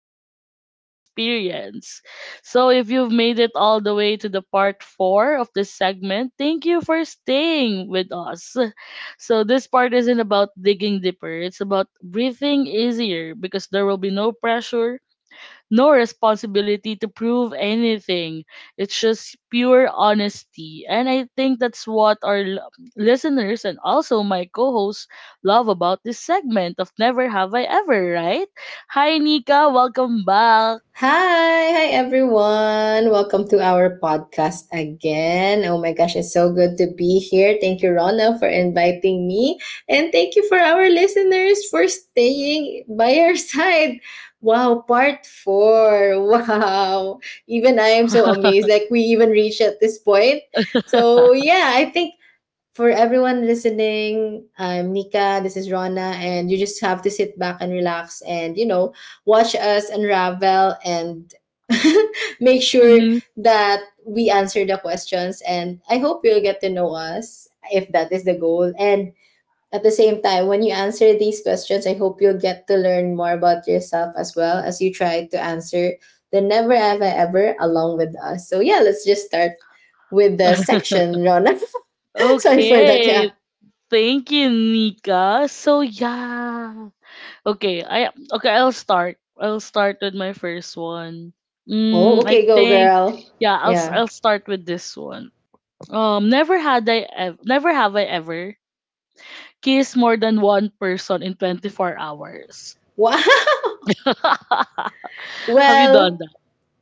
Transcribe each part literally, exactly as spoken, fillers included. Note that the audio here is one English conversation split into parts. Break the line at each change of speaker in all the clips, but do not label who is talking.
uh, that we've experienced. So if you've made it all the way to the part four of this segment, thank you for staying with us. So this part isn't about digging deeper; it's about breathing easier because there will be no pressure, no responsibility to prove anything. It's just pure honesty. And I think that's what our l- listeners and also my co hosts love about this segment of Never Have I Ever, right? Hi, Nika. Welcome back.
Hi, hi everyone. Welcome to our podcast again. Oh my gosh, it's so good to be here. Thank you, Rona, for inviting me. And thank you for our listeners for staying by our side. Wow, part four. Wow. Even I am so amazed. Like we even reached at this point. So yeah, I think for everyone listening, I'm Nika, this is Rona, and you just have to sit back and relax and, you know, watch us unravel and make sure
Hmm.
that we answer the questions. And I hope you'll get to know us if that is the goal. And at the same time, when you answer these questions, I hope you'll get to learn more about yourself as well as you try to answer the never ever ever along with us. So, yeah, let's just start with the section, Rona. Sorry for that.
Okay.
Yeah.
Thank you, Nika. So yeah. Okay, I okay, I'll start. I'll start with my first one.
Oh,
Mm, I
okay, go
think
girl.
yeah, I'll s-
Yeah.
I'll start with this one. Um, never had I ev- never have I ever kissed more than one person in twenty-four hours.
Wow.
Have you done
Well,
that?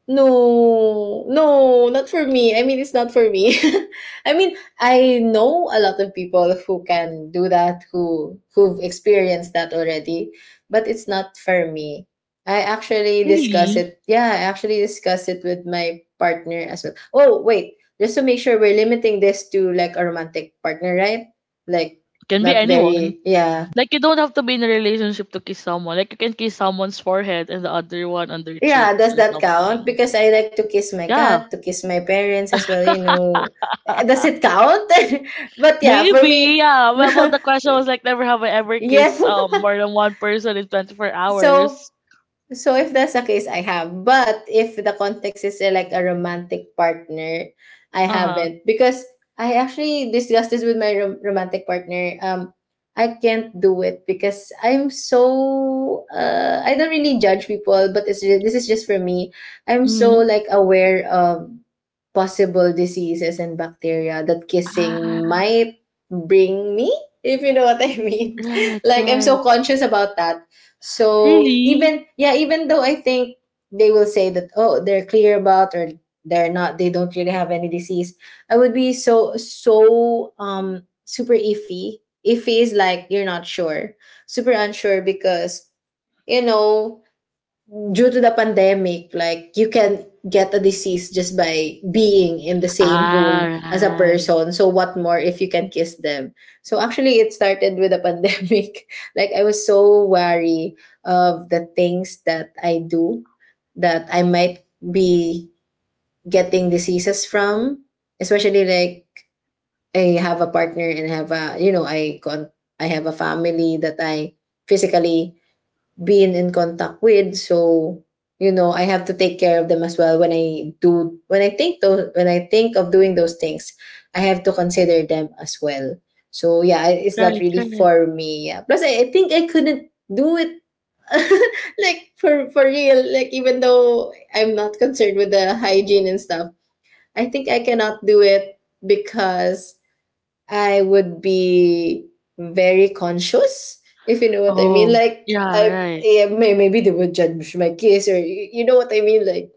no, no, not for me. I mean, it's not for me. I mean, I know a lot of people who can do that, who who've experienced that already, but it's not for me. I actually discuss
Really?
it. Yeah, I actually discuss it with my partner as well. Oh, wait, just to make sure we're limiting this to like a romantic partner, right? Like
Can be
not
anyone.
very, yeah.
Like, you don't have to be in a relationship to kiss someone. Like, you can kiss someone's forehead and the other one on their
Yeah,
cheeks
does
or
that count?
something.
Because I like to kiss my cat,
Yeah.
to kiss my parents as well, you know. Eh, does it count? But yeah, for
Maybe,
me,
yeah.
no.
Well, well, the question was like, never have I ever
Yeah.
kissed um more than one person in twenty-four
So
hours.
So if that's the case, I have. But if the context is uh, like a romantic partner, I
Uh huh.
haven't because I actually discussed this with my rom- romantic partner. Um, I can't do it because I'm so uh, I don't really judge people, but it's ju- this is just for me. I'm so
Mm-hmm.
like aware of possible diseases and bacteria that kissing
Ah,
might bring me, if you know what I mean.
right,
Like I'm so
right.
conscious about that. So
Really?
even yeah, even though I think they will say that oh they're clear about or they're not they don't really have any disease, I would be so so um super iffy. Iffy is like you're not sure, super unsure because you know due to the pandemic, like you can get a disease just by being in the same
Ah,
room as a
right.
person. So what more if you can kiss them? So actually it started with the pandemic. Like I was so wary of the things that I do that I might be getting diseases from, especially like I have a partner and have a you know I con I have a family that I physically been in contact with. So, you know, I have to take care of them as well when I do when I think those when I think of doing those things, I have to consider them as well. So yeah, I- it's not
Right,
really
right.
for me. Yeah. Plus I, I think I couldn't do it like for for real. Like even though I'm not concerned with the hygiene and stuff, I think I cannot do it because I would be very conscious, if you know what I mean.
Oh,
Like
yeah,
I,
right.
yeah, may, maybe they would judge my kiss, or you, you know what I mean. Like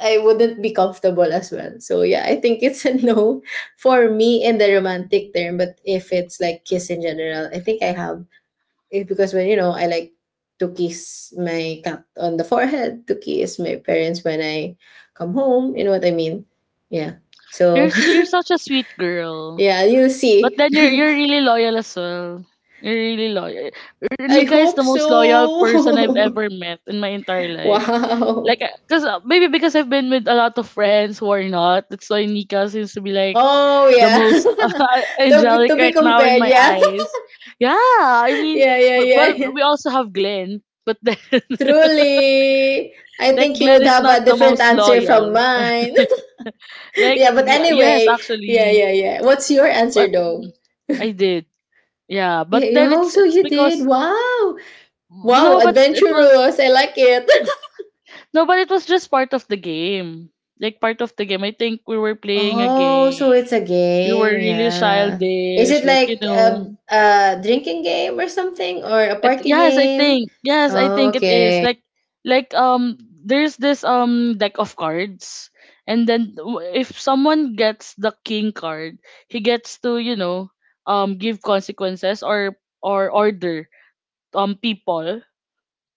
I wouldn't be comfortable as well. So yeah, I think it's a no for me in the romantic term. But if it's like kiss in general, I think I have it because when you know I like to kiss my cat on the forehead, to kiss my parents when I come home. You know what I mean? Yeah.
You're
So
s you're such a sweet girl.
yeah, you'll
But
see.
then you're you're really loyal as well. You're really loyal.
I
Nika is the
hope
most loyal person I've
so.
ever met in my entire life.
Wow.
Like, uh, cause uh, maybe because I've been with a lot of friends who are not. That's why Nika seems to be like
Oh
the
yeah.
most
To be
angelic
to be
right now in
compared,
my
yeah.
eyes. Yeah, I mean,
Yeah, yeah,
w-
yeah,
well,
yeah.
we also have Glenn, but then
Truly. I
like
think he
Glenn
would
is
have
not
a
the
different
most
answer from
loyal.
mine.
Like
Yeah, but
Gl- yes,
anyway, yeah,
actually,
yeah, yeah. What's your
but
answer though?
I did. Yeah, but
Eh,
then
yo,
it's
so
it's
you
because
did. Wow. Wow,
no, but it was
adventurous. I like it.
no, but it was just part of the game. Like part of the game. I think we were playing a
Oh, so it's
game.
a
We were
game,
really
yeah. Is
childish,
it
like you
like
know.
a, a drinking game or something or a
It,
party
yes, I
game?
think. Yes, I
Oh,
think it is.
okay.
Like, like um there's this um deck of cards, and then w- if someone gets the king card, he gets to, you know, um give consequences or or order um people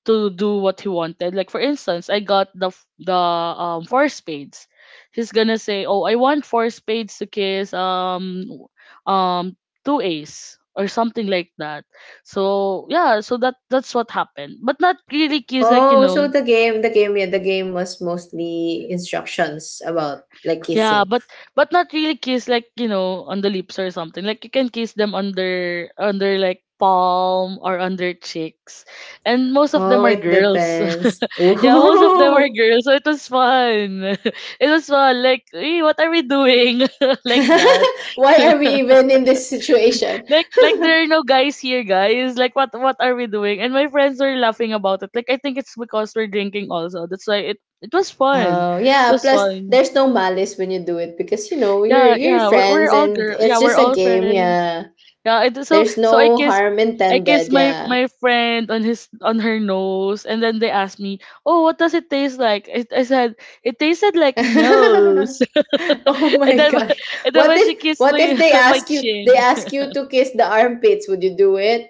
to do what he wanted. Like, for instance, I got the f- the um four spades. He's gonna say, "Oh, I want four spades to kiss um w- um two ace or something like that." So yeah, so that that's what happened. But not really kiss, like you
Oh, so
know.
the game, the game, yeah, the game was mostly instructions about like
Yeah,
kissing.
but but not really kiss, like you know, on the lips or something. Like, you can kiss them under under like palm or under cheeks, and most of them
Oh,
are
it
girls.
depends.
Yeah, most of them are
Oh,
girls, so it was fun. It was fun. Like, hey, what are we doing? Like that.
why are we even in this situation?
like like there are no guys here, guys. Like, what what are we doing? And my friends were laughing about it. Like, I think it's because we're drinking also. That's why it it was fun.
Oh,
It
yeah.
was
Plus,
fun.
there's no malice when you do it because you know you're
Yeah,
you're
yeah. We're we're
friends
all
and
girl.
it's
Yeah, we're
just a
all
game.
friends.
Yeah.
Yeah, it, so
There's
so I
no
kiss,
harm
I kiss
intended,
my
yeah.
my friend on his on her nose, and then they asked me, "Oh, what does it taste like?" I, I said, "It tasted like nose."
Oh
And
my
then
gosh.
and then
What
when she
if
kissed
what if
my
they
my
ask you they
chin,
ask you to kiss the armpits, would you do it?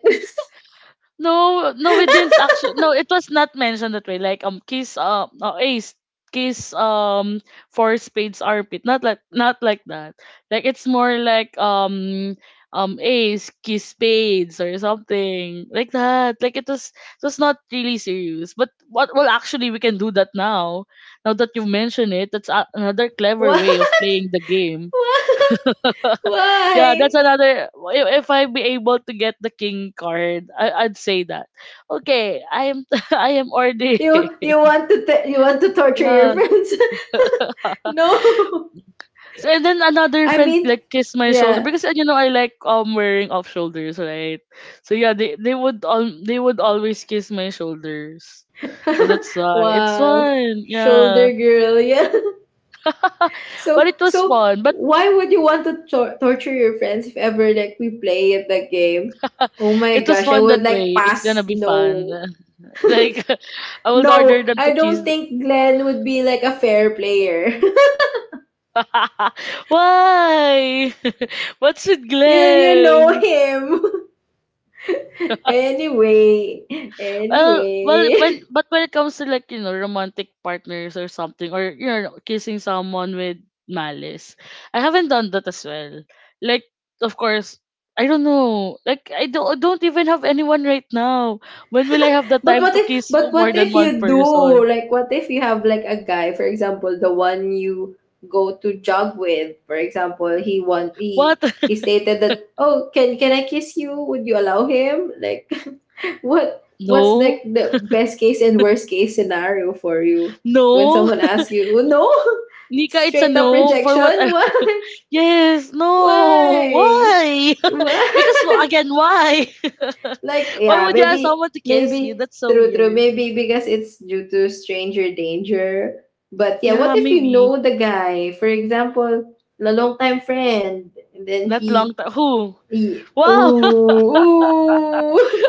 no, no, we didn't actually. No, it was not mentioned that way. Like, um, kiss um, uh, ace, kiss um, four spades armpit. Not like, not like that. Like, it's more like um, um, ace kiss spades or something like that. Like, it was it was not really serious. But what, well actually we can do that now. Now that you mention it, that's a- another clever
What?
way of playing the game.
What?
Yeah, that's
Why?
another. If, if I be able to get the king card, I, I'd say that. Okay, I am I am ordering.
You you want to t- you want to torture your
Yeah.
friends? No.
So and then another
I
friend
mean,
like kissed my shoulder
yeah.
because uh, you know I like um wearing off shoulders, right? So yeah, they they would um they would always kiss my shoulders. So that's why it's
Wow.
fun, yeah.
Shoulder girl, yeah.
But
So
it was
so
fun. But
why would you want to tor- torture your friends if ever like we play at the game? Oh my
it was
gosh, I
fun
would
that
like
way. It's
pass
gonna be fun.
no.
Like, I would
No,
order them
I
to
don't
kiss
think Glenn would be like a fair player.
Why? What's with
you you know
Glenn?
him. Anyway,
Well, well, when
anyway.
but when it comes to like you know romantic partners or something, or you know kissing someone with malice, I haven't done that as well. Like, of course, I don't know. Like, I don't I don't even have anyone right now. When will I have the
But
time
what
to
if
kiss
but
more
what
than
if
one
you do?
person?
Like what if you have like a guy, for example, the one you go to jog with, for example, he want he
What?
he stated that, "Oh, can can I kiss you? Would you allow him?" Like what what's like
No,
the best case and worst case scenario for you when
no,
someone asks you, "Oh, no?"
Nika, it's a
Straight up
no for what
rejection?
I, yes, no.
Why?
Why?
Why?
Because, well, again, why?
Like,
Why
yeah,
would you ask
maybe,
someone to kiss you?
maybe,
That's so
true, true.
weird.
Maybe because it's due to stranger danger. But yeah, what
Yeah,
if you
maybe
know the guy? For example, a long time friend, and then
that long
he,
time. Who?
he,
Wow,
ooh, ooh,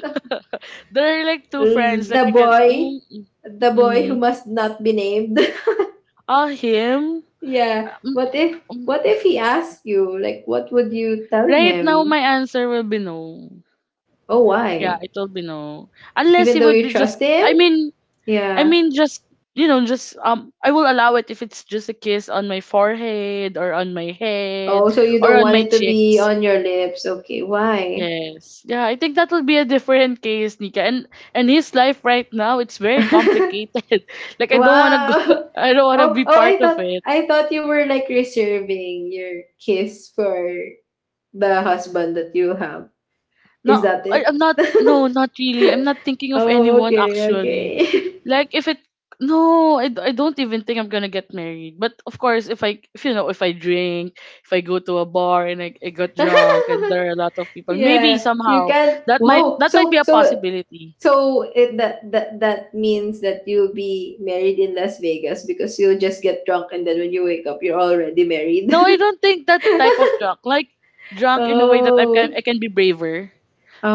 they're like two friends. Like,
the
you can.
boy,
Mm,
the boy who
mm-hmm.
must not be named.
Ah, him.
Yeah.
Um,
What if,
um,
what if he asks you? Like, what would you tell
right now,
him?
my answer will be no.
Oh,
Yeah,
why?
it will be no. Unless
Even
he
though
would
you
be just.
trust him?
I mean, I
Yeah.
mean, just you know, just um, I will allow it if it's just a kiss on my forehead or on my head
Oh, so you
or
don't
on
want
my
it to be
cheeks.
on your lips. Okay, why?
Yes, yeah, I think that will be a different case, Nika. And and his life right now, it's very complicated. Like I don't wanna go,
Wow.
I don't wanna
Oh,
be
oh,
part
I
of
thought
it.
I thought you were like reserving your kiss for the husband that you have. Is
No,
that
I,
it?
I'm not. No, not really. I'm not thinking of
Oh,
anyone
okay,
actually.
okay.
Like, if it, no, I, d- I don't even think I'm gonna get married. But of course, if I, if you know, if I drink, if I go to a bar and I, I got drunk and there are a lot of people, maybe
Yeah, you
somehow
can.
that might
Whoa.
that might be
So
a
so
possibility.
so it that that that means that you'll be married in Las Vegas because you'll just get drunk and then when you wake up you're already married.
No, I don't think that type of drunk. Like, drunk in a way that I can
Oh.
I can be braver.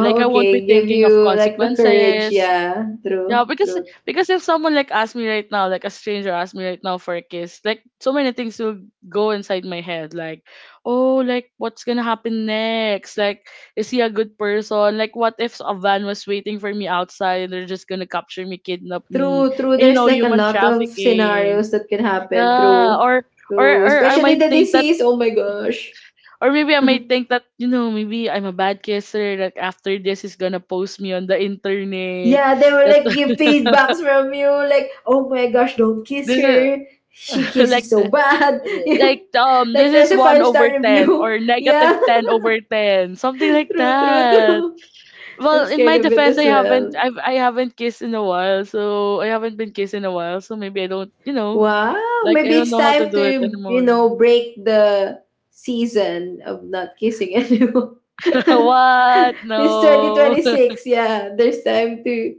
Like, I won't be
okay. Give
thinking of
you like the courage.
consequences.
Yeah.
Yeah,
True.
because
True.
because if someone like asked me right now, like a stranger asked me right now for a kiss, like so many things will go inside my head, like, oh, like what's gonna happen next? Like, is he a good person? Like, what if a van was waiting for me outside and they're just gonna capture me, kidnap me,
True. True.
and you know,
There's like a
human
lot of
trafficking?
scenarios that can happen.
Yeah,
True.
or or
True.
or I
Especially
might
the
think that.
disease. Oh my gosh.
Or maybe I might think that, you know, maybe I'm a bad kisser, like after this he's gonna post me on the internet.
Yeah, they will
That
like give feedbacks from you, like, oh my gosh, don't kiss
this is
her. She
like
kisses so
the-
bad. Yeah.
like um
Like
this
there's
is
a
one
five
over
star
ten
review.
or negative
Yeah,
ten over ten something like
true, true,
that.
true. I'm
Well, in
scared
my
of it
defense, i
as
haven't
well.
I've, I haven't kissed in a while, so I haven't been kissed in a while, so maybe I don't you know,
Wow!
like I
Maybe
don't
it's
know how to
time
do it
to, you
anymore.
know, break the season of not kissing anyone.
What,
This twenty
no.
twenty six, yeah, there's time to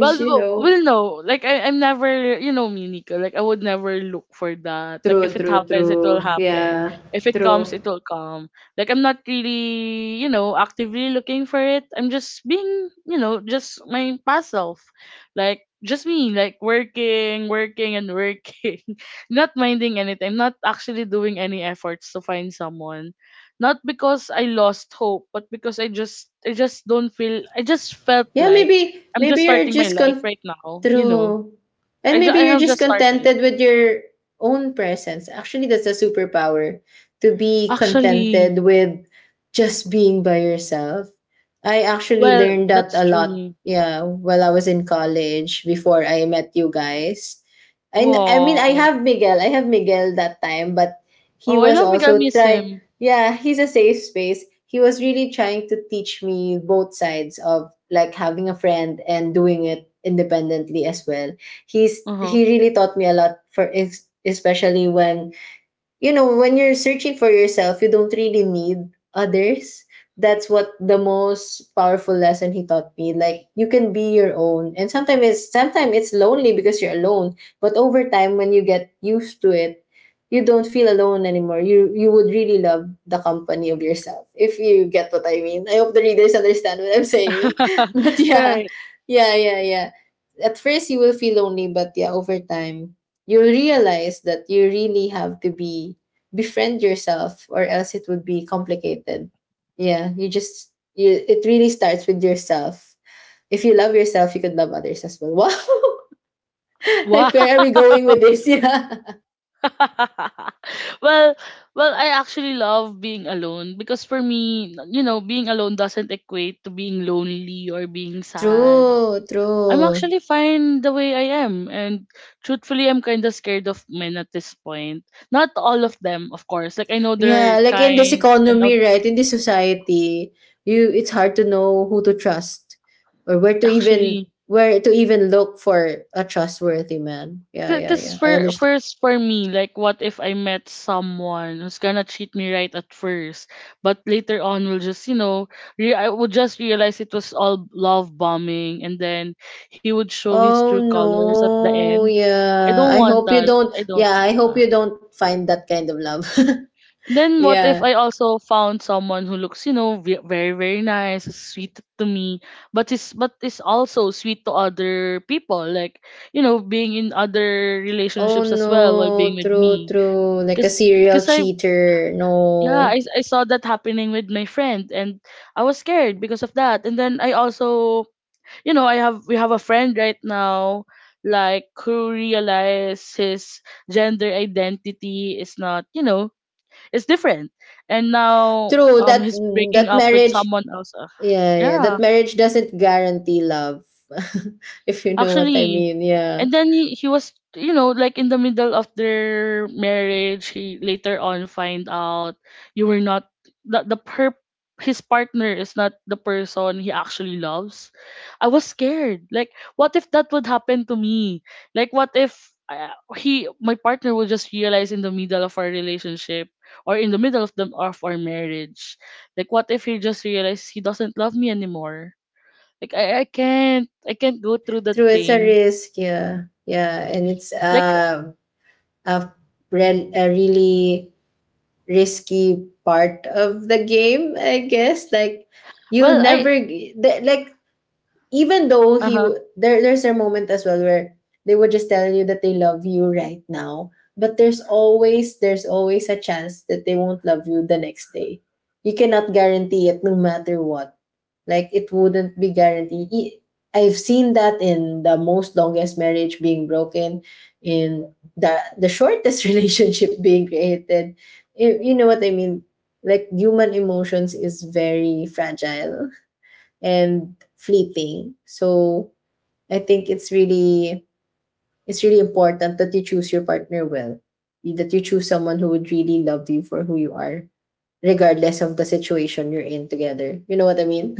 Well,
you
w-
know.
will know. Like, I, I'm never, you know, me, Nico. Like, I would never look for that. Like, if
True,
it
true,
happens, it will
true.
happen.
Yeah,
If it
true.
comes, it will come. Like, I'm not really, you know, actively looking for it. I'm just being, you know, just my past self. Like, just me, like working, working, and working. Not minding anything. I'm not actually doing any efforts to find someone. Not because I lost hope, but because I just, I just don't feel. I just felt
Yeah,
like
maybe
I'm just
maybe you're
starting my
just
life
con
right now. You know,
through, and
I, ju-
maybe
I
you're
have
just
just started.
contented with your own presence. Actually, that's a superpower to be
Actually,
contented with just being by yourself. I actually
well,
learned that
that's
a lot,
true.
yeah, while I was in college before I met you guys. And I mean, I
Wow.
have Miguel. I have Miguel that time, but he
Oh, I
was
love Miguel. I
also
miss
try
him.
yeah he's a safe space. He was really trying to teach me both sides of like having a friend and doing it independently as well. He's
Uh
he really taught me a lot for es- especially when you know, when you're searching for yourself, you don't really need others. That's what the most powerful lesson he taught me. Like you can be your own. And sometimes it's sometimes it's lonely because you're alone. But over time when you get used to it, you don't feel alone anymore. You you would really love the company of yourself. If you get what I mean. I hope the readers understand what I'm saying.
huh.
But yeah.
Right.
Yeah, yeah, yeah. At first you will feel lonely, but yeah, over time you realize that you really have to be befriend yourself or else it would be complicated. Yeah you just you, it really starts with yourself. If you love yourself you could love others as well. Wow.
Wow.
Like where are we going with this? Yeah,
well, well, I actually love being alone because for me, you know, being alone doesn't equate to being lonely or being sad.
true,
I'm
true.
actually fine the way I am. And truthfully, I'm kind of scared of men at this point. Not all of them, of course. Like, I know they're
Yeah, like in this
kind and out-
economy, right, in this society, you it's hard to know who to trust or where to even
actually.
where to even look for a trustworthy man. Yeah, yeah,
Because
yeah, I
for,
understand.
first, for me, like, what if I met someone who's gonna treat me right at first, but later on will just, you know, re- I would just realize it was all love bombing, and then he would show his true
Oh
colors at the
no.
end. I
Yeah.
don't
I
want
hope you
that.
don't,
I don't
yeah, I
want
hope
that.
you don't find that kind of love.
Then what if
Yeah.
I also found someone who looks, you know, ve- very very nice, is sweet to me, but is but is also sweet to other people, like you know, being in other
Oh
relationships as well while being
no.
with
True,
me.
true. Like a
Cause,
serial
cause I
cheater.
yeah,
No.
I I saw that happening with my friend, and I was scared because of that. And then I also, you know, I have we have a friend right now, like, who realized his gender identity is not, you know, it's different. And now
True,
um
that
he's breaking
that
up with
marriage
someone else. Uh,
yeah, yeah. That
yeah,
marriage doesn't guarantee love. If you know what I
actually,
mean. Yeah.
and then he, he was, you know, like, in the middle of their marriage, he later on find out you were not the the per his partner is not the person he actually loves. I was scared. Like, what if that would happen to me? Like, what if uh, he, my partner, will just realize in the middle of our relationship, or in the middle of the of our marriage? Like, what if he just realized he doesn't love me anymore? Like, I, I can't I can't go through that
True, it's a
pain.
risk, yeah. Yeah. And it's
Like.
uh a, rel- a really risky part of the game, I guess. Like you'll
Well,
never
I.
g- the- like even though
Uh
he
huh.
w- there there's a moment as well where they would just tell you that they love you right now, but there's always there's always a chance that they won't love you the next day. You cannot guarantee it no matter what. Like it wouldn't be guaranteed. I- I've seen that in the most longest marriage being broken, in the the shortest relationship being created. You, you know what I mean? Like human emotions is very fragile and fleeting. So I think it's really it's really important that you choose your partner well. That you choose someone who would really love you for who you are, regardless of the situation you're in together. You know what I mean?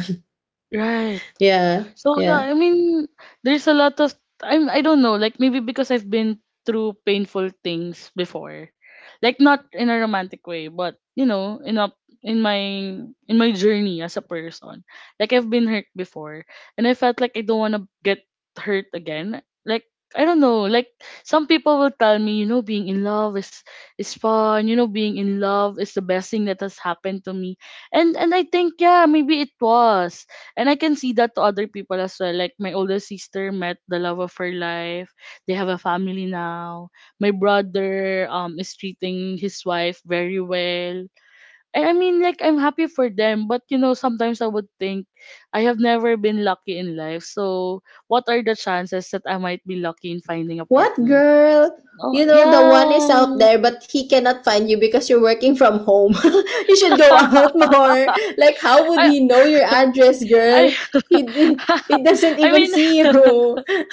Right.
Yeah.
So
Yeah.
yeah, I mean, there's a lot of. I'm I don't know, like, maybe because I've been through painful things before. Like, not in a romantic way, but you know, in a in my in my journey as a person. Like, I've been hurt before, and I felt like I don't want to get hurt again. Like, I don't know, like, some people will tell me, you know, being in love is is fun. You know, being in love is the best thing that has happened to me. And and I think, yeah, maybe it was, and I can see that to other people as well. Like, my older sister met the love of her life. They have a family now. My brother um is treating his wife very well. I, I mean, like, I'm happy for them, but you know, sometimes I would think, I have never been lucky in life. So what are the chances that I might be lucky in finding a
What
partner? So.
girl?
Oh
You know the one is out
yeah.
there, but he cannot find you because you're working from home. You should go out more. Like how would
I
he know your address,
I
girl? He he, he doesn't
I
even
mean
see you.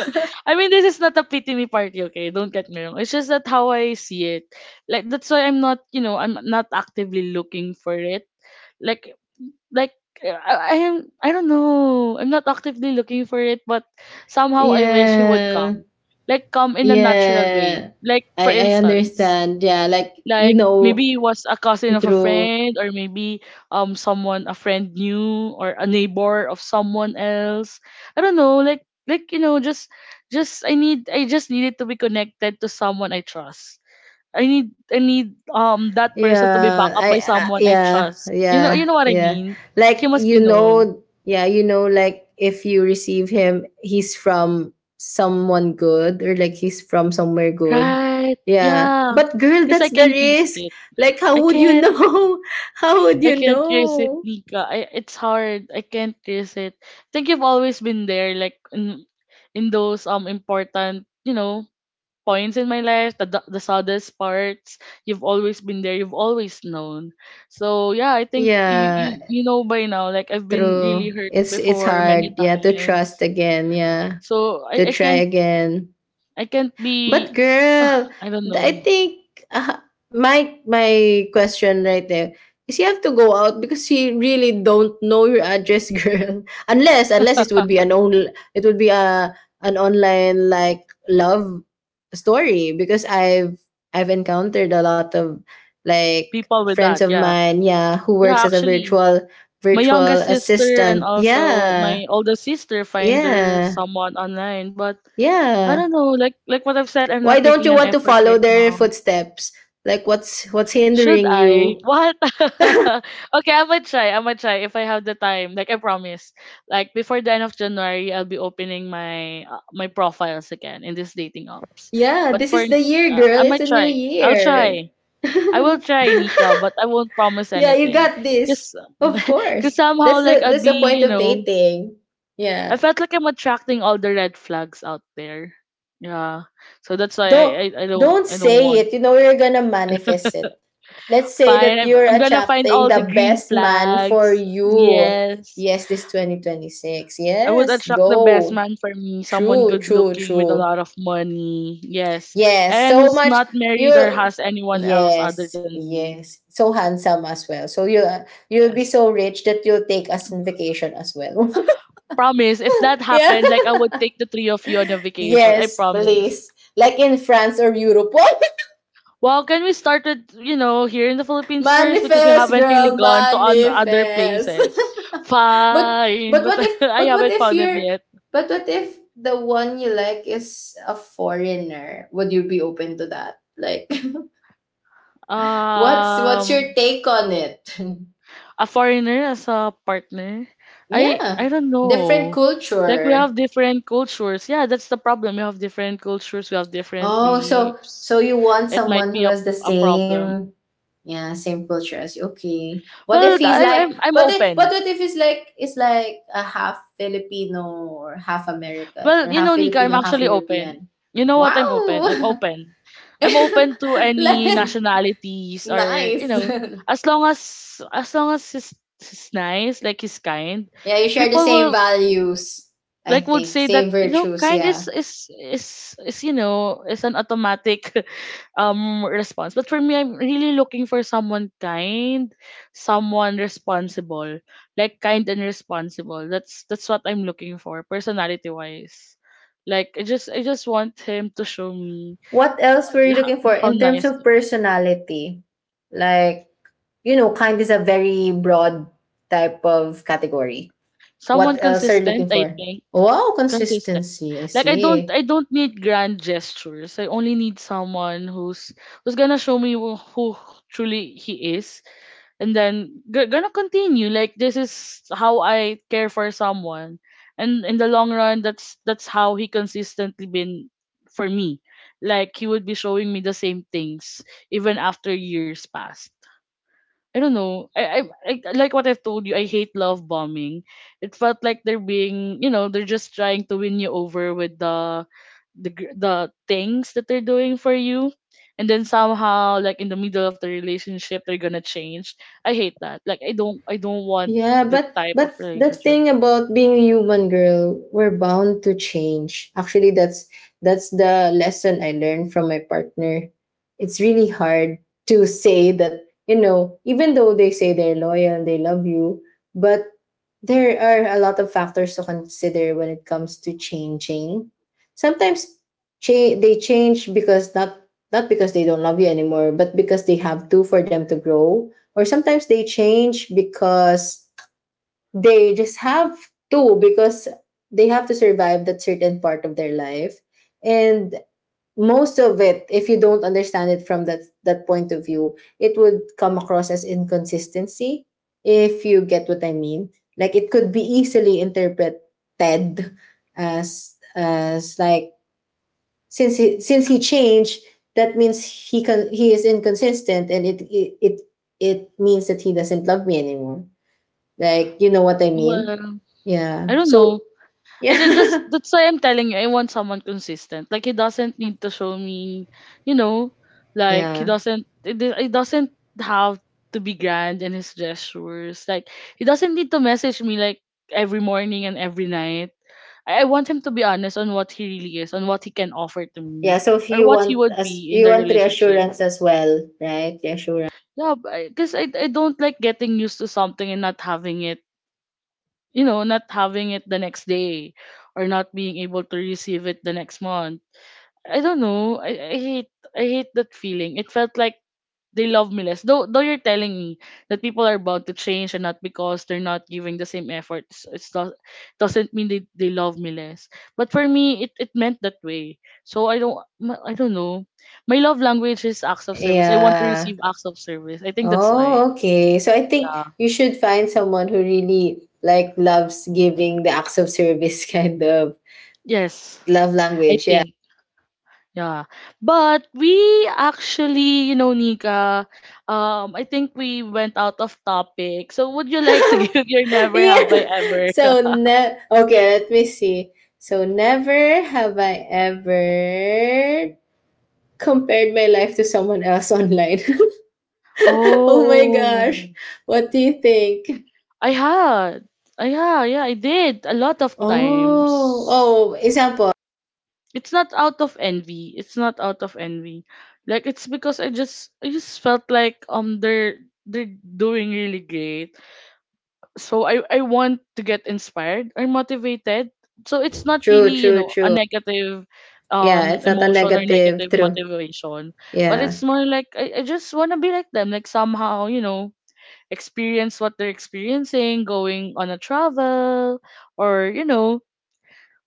I mean, this is not a pity me party, okay? Don't get me wrong. It's just that how I see it. Like, that's why I'm not, you know, I'm not actively looking for it. Like, like I, I am. I don't know. I'm not actively looking for it, but somehow I wish he would
Yeah.
come. Like, come in a natural way.
Yeah,
Like,
I
for
I
instance,
understand. Yeah, like you
like,
know
maybe it was a cousin of a
true.
friend, or maybe um someone a friend knew, or a neighbor of someone else. I don't know, like like you know just just i need I just needed to be connected to someone I trust. I need i need um that person to be backed
Yeah,
up
I
by
uh,
someone I
yeah,
trust. You know
yeah,
you know what I
yeah.
mean? He
Like
must
you
be known.
know, yeah, you know, like if you receive him, he's from someone good, or like he's from somewhere good.
Right,
Yeah,
yeah,
but girl,
because I
that's the
can risk
risk.
it.
Like, how
i
would you
can
know? How would
I
you
can't resist it,
know?
Nika. I, it's hard. I can't resist it. I think you've always been there, like, in, in those um important, you know, points in my life, the da- the saddest parts. You've always been there. You've always known. So yeah, I think you
Yeah,
you, you know by now. Like, I've been really
true.
hurt
It's it's
before, many
hard. Yeah, to trust
times.
again. Yeah,
So
to
I, I
try
can't.
again.
I can't
But
be
girl,
I don't
th- I
know.
think, uh, my my question right there is you have to go out because she really don't know your address, girl. Unless unless it would be an on it would be a an online like love story, because I've I've encountered a lot of like
people with
friends
that.
of
Yeah,
mine, yeah, who
yeah,
works as a
actually,
virtual
my
virtual
youngest sister and
assistant.
also
Yeah.
my oldest sister find their
Yeah.
someone online. But I don't
Yeah.
know, like like what I've said, I'm
Why
not
don't
making
you
an
want to
effort
follow
right
their
now.
footsteps? Like what's what's
Should
hindering
I?
you?
What? Okay, I might try. I might try if I have the time. Like, I promise. Like, before the end of January, I'll be opening my uh, my profiles again in these dating apps.
Yeah,
But
this
for
is the year,
uh,
girl.
I
It's
might
a new
try. I'll
year.
try. I will try, Nika, but I won't promise
Yeah, you
anything.
got this.
Cause,
Of
cause
course. That's
somehow, like,
the
I'd
that's the
be,
point
you
of
know,
dating.
I
Yeah.
felt like I'm attracting all the red flags out there. Yeah. So that's why I,
Don't
I, I don't
don't
I don't
say
want.
it. You know you're gonna manifest it. Let's say
Fine.
that
I'm
you're
I'm gonna find
attracting
all the
the
green
best man for
flags.
you.
Yes.
Yes, this twenty twenty-six.
I would
Yes,
attract the best
go.
man for me, someone
True,
good
true,
looking with a
true.
lot of money. Yes.
Yes,
And
so
who's
much
not married or
you,
has anyone else other
yes,
than me.
yes. So handsome as well. So you you'll be
Yes.
so rich that you'll take us on vacation as well.
Promise, if that
Yeah.
happened, like, I would take the three of you on a vacation. I
Yes,
promise.
please. Like in France or Europe.
Well, can we start with, you know, here in the Philippines first, because we
Manifest,
haven't really
girl,
gone to on other
manifest.
places.
But
Fine,
but
but
what if
I
but what
haven't
if
found him
you're
yet.
but what if the one you like is a foreigner? Would you be open to that? Like what's what's
Um,
your take on it?
a foreigner as a partner. I
Yeah,
I don't
different
know. Like, we
culture.
have different cultures. Yeah, that's the problem. We have different cultures. We have different
Oh, so
beliefs.
so you want
It might
someone who
be a
has the
a problem.
same, yeah, same culture as you? Okay. What
Well,
if he's
I,
like?
I'm I'm
But if, but
open.
what if he's like is like a half Filipino, or half American,
Well,
or
you
half
know, Nika, I'm
Filipino half
actually open.
European?
You know what? I'm open. I'm
Wow,
open. I'm open to any
like
nationalities, or you
nice.
know, as long as as long as he's, he's nice, like, he's kind.
Yeah, you share the
People
same
will
values. I
like would
think
say that
same
you know
virtues.
kind
Yeah.
is is is is you know is an automatic um response, but for me, I'm really looking for someone kind, someone responsible. Like, kind and responsible, that's that's what I'm looking for, personality wise. Like, i just i just want him to show me
What
h-
else were you
h-
looking for
how
in terms
nice.
of personality? Like you know, kind is a very broad type of category.
Someone
What else are you
consistent,
looking
I
for?
think.
Wow,
Consistent.
consistency. I
Like, I don't
see.
I don't need grand gestures. I only need someone who's who's gonna show me who, who truly he is, and then g- gonna continue, like, this is how I care for someone. And in the long run, that's that's how he consistently been for me. Like, he would be showing me the same things even after years passed. I don't know. I, I, I like what I've told you. I hate love bombing. It felt like they're being, you know, they're just trying to win you over with the the gr- the things that they're doing for you, and then somehow, like, in the middle of the relationship, they're gonna change. I hate that. Like, I don't, I don't want
Yeah,
that
but
type of
but the
relationship.
thing about being a human girl, we're bound to change. Actually, that's that's the lesson I learned from my partner. It's really hard to say that, you know, even though they say they're loyal, they love you, but there are a lot of factors to consider when it comes to changing. Sometimes cha- they change because not not because they don't love you anymore, but because they have to, for them to grow. Or sometimes they change because they just have to, because they have to survive that certain part of their life. And most of it, if you don't understand it from that that point of view, it would come across as inconsistency, if you get what I mean. Like it could be easily interpreted as as like, since he since he changed, that means he can he is inconsistent, and it it it, it means that he doesn't love me anymore. Like, you know what I mean?
Well,
Yeah,
I don't
so
know. I ju- just,
yeah.
that's why I'm telling you, I want someone consistent. Like, he doesn't need to show me, you know, like, he
Yeah,
doesn't it, do- it doesn't have to be grand in his gestures. Like, he doesn't need to message me, like, every morning and every night. I, I want him to be honest on what he really is, on what he can offer to
yeah.
me,
So if
or
you
what he
want,
would
as
be in
you
the
want
relationship.
reassurance as well right reassurance.
Yeah, because I, 'cause I I don't like getting used to something and not having it, you know, not having it the next day, or not being able to receive it the next month. I don't know. I, I hate I hate that feeling. It felt like they love me less. Though though you're telling me that people are about to change, and not because they're not giving the same effort. It's, it's not. Doesn't mean they, they love me less. But for me, it, it meant that way. So I don't ma- I don't know. My love language is acts of service. I want to
Yeah.
receive acts of service. I think that's why.
Oh, okay. So I think
Yeah.
you should find someone who really like loves giving the acts of service, kind of
Yes.
love
I
language. Yeah.
think. Yeah. But we actually, you know, Nika, um, I think we went out of topic. So would you like to give your never
Yeah.
have I ever?
So ne- okay, let me see. So never have I ever compared my life to someone else online. Oh my
Oh,
gosh. What do you think?
I had. I Yeah, yeah, I did, a lot of
Oh,
times.
oh, example.
It's not out of envy. It's not out of envy. Like, it's because I just I just felt like um they're they're doing really great, so I, I want to get inspired or motivated. So it's not
True,
really, you
true,
know a
true.
negative
Yeah,
um
it's not a
emotion, or
negative.
negative
True.
motivation. But
Yeah.
it's more like, i, I just want to be like them, like, somehow, you know experience what they're experiencing, going on a travel, or, you know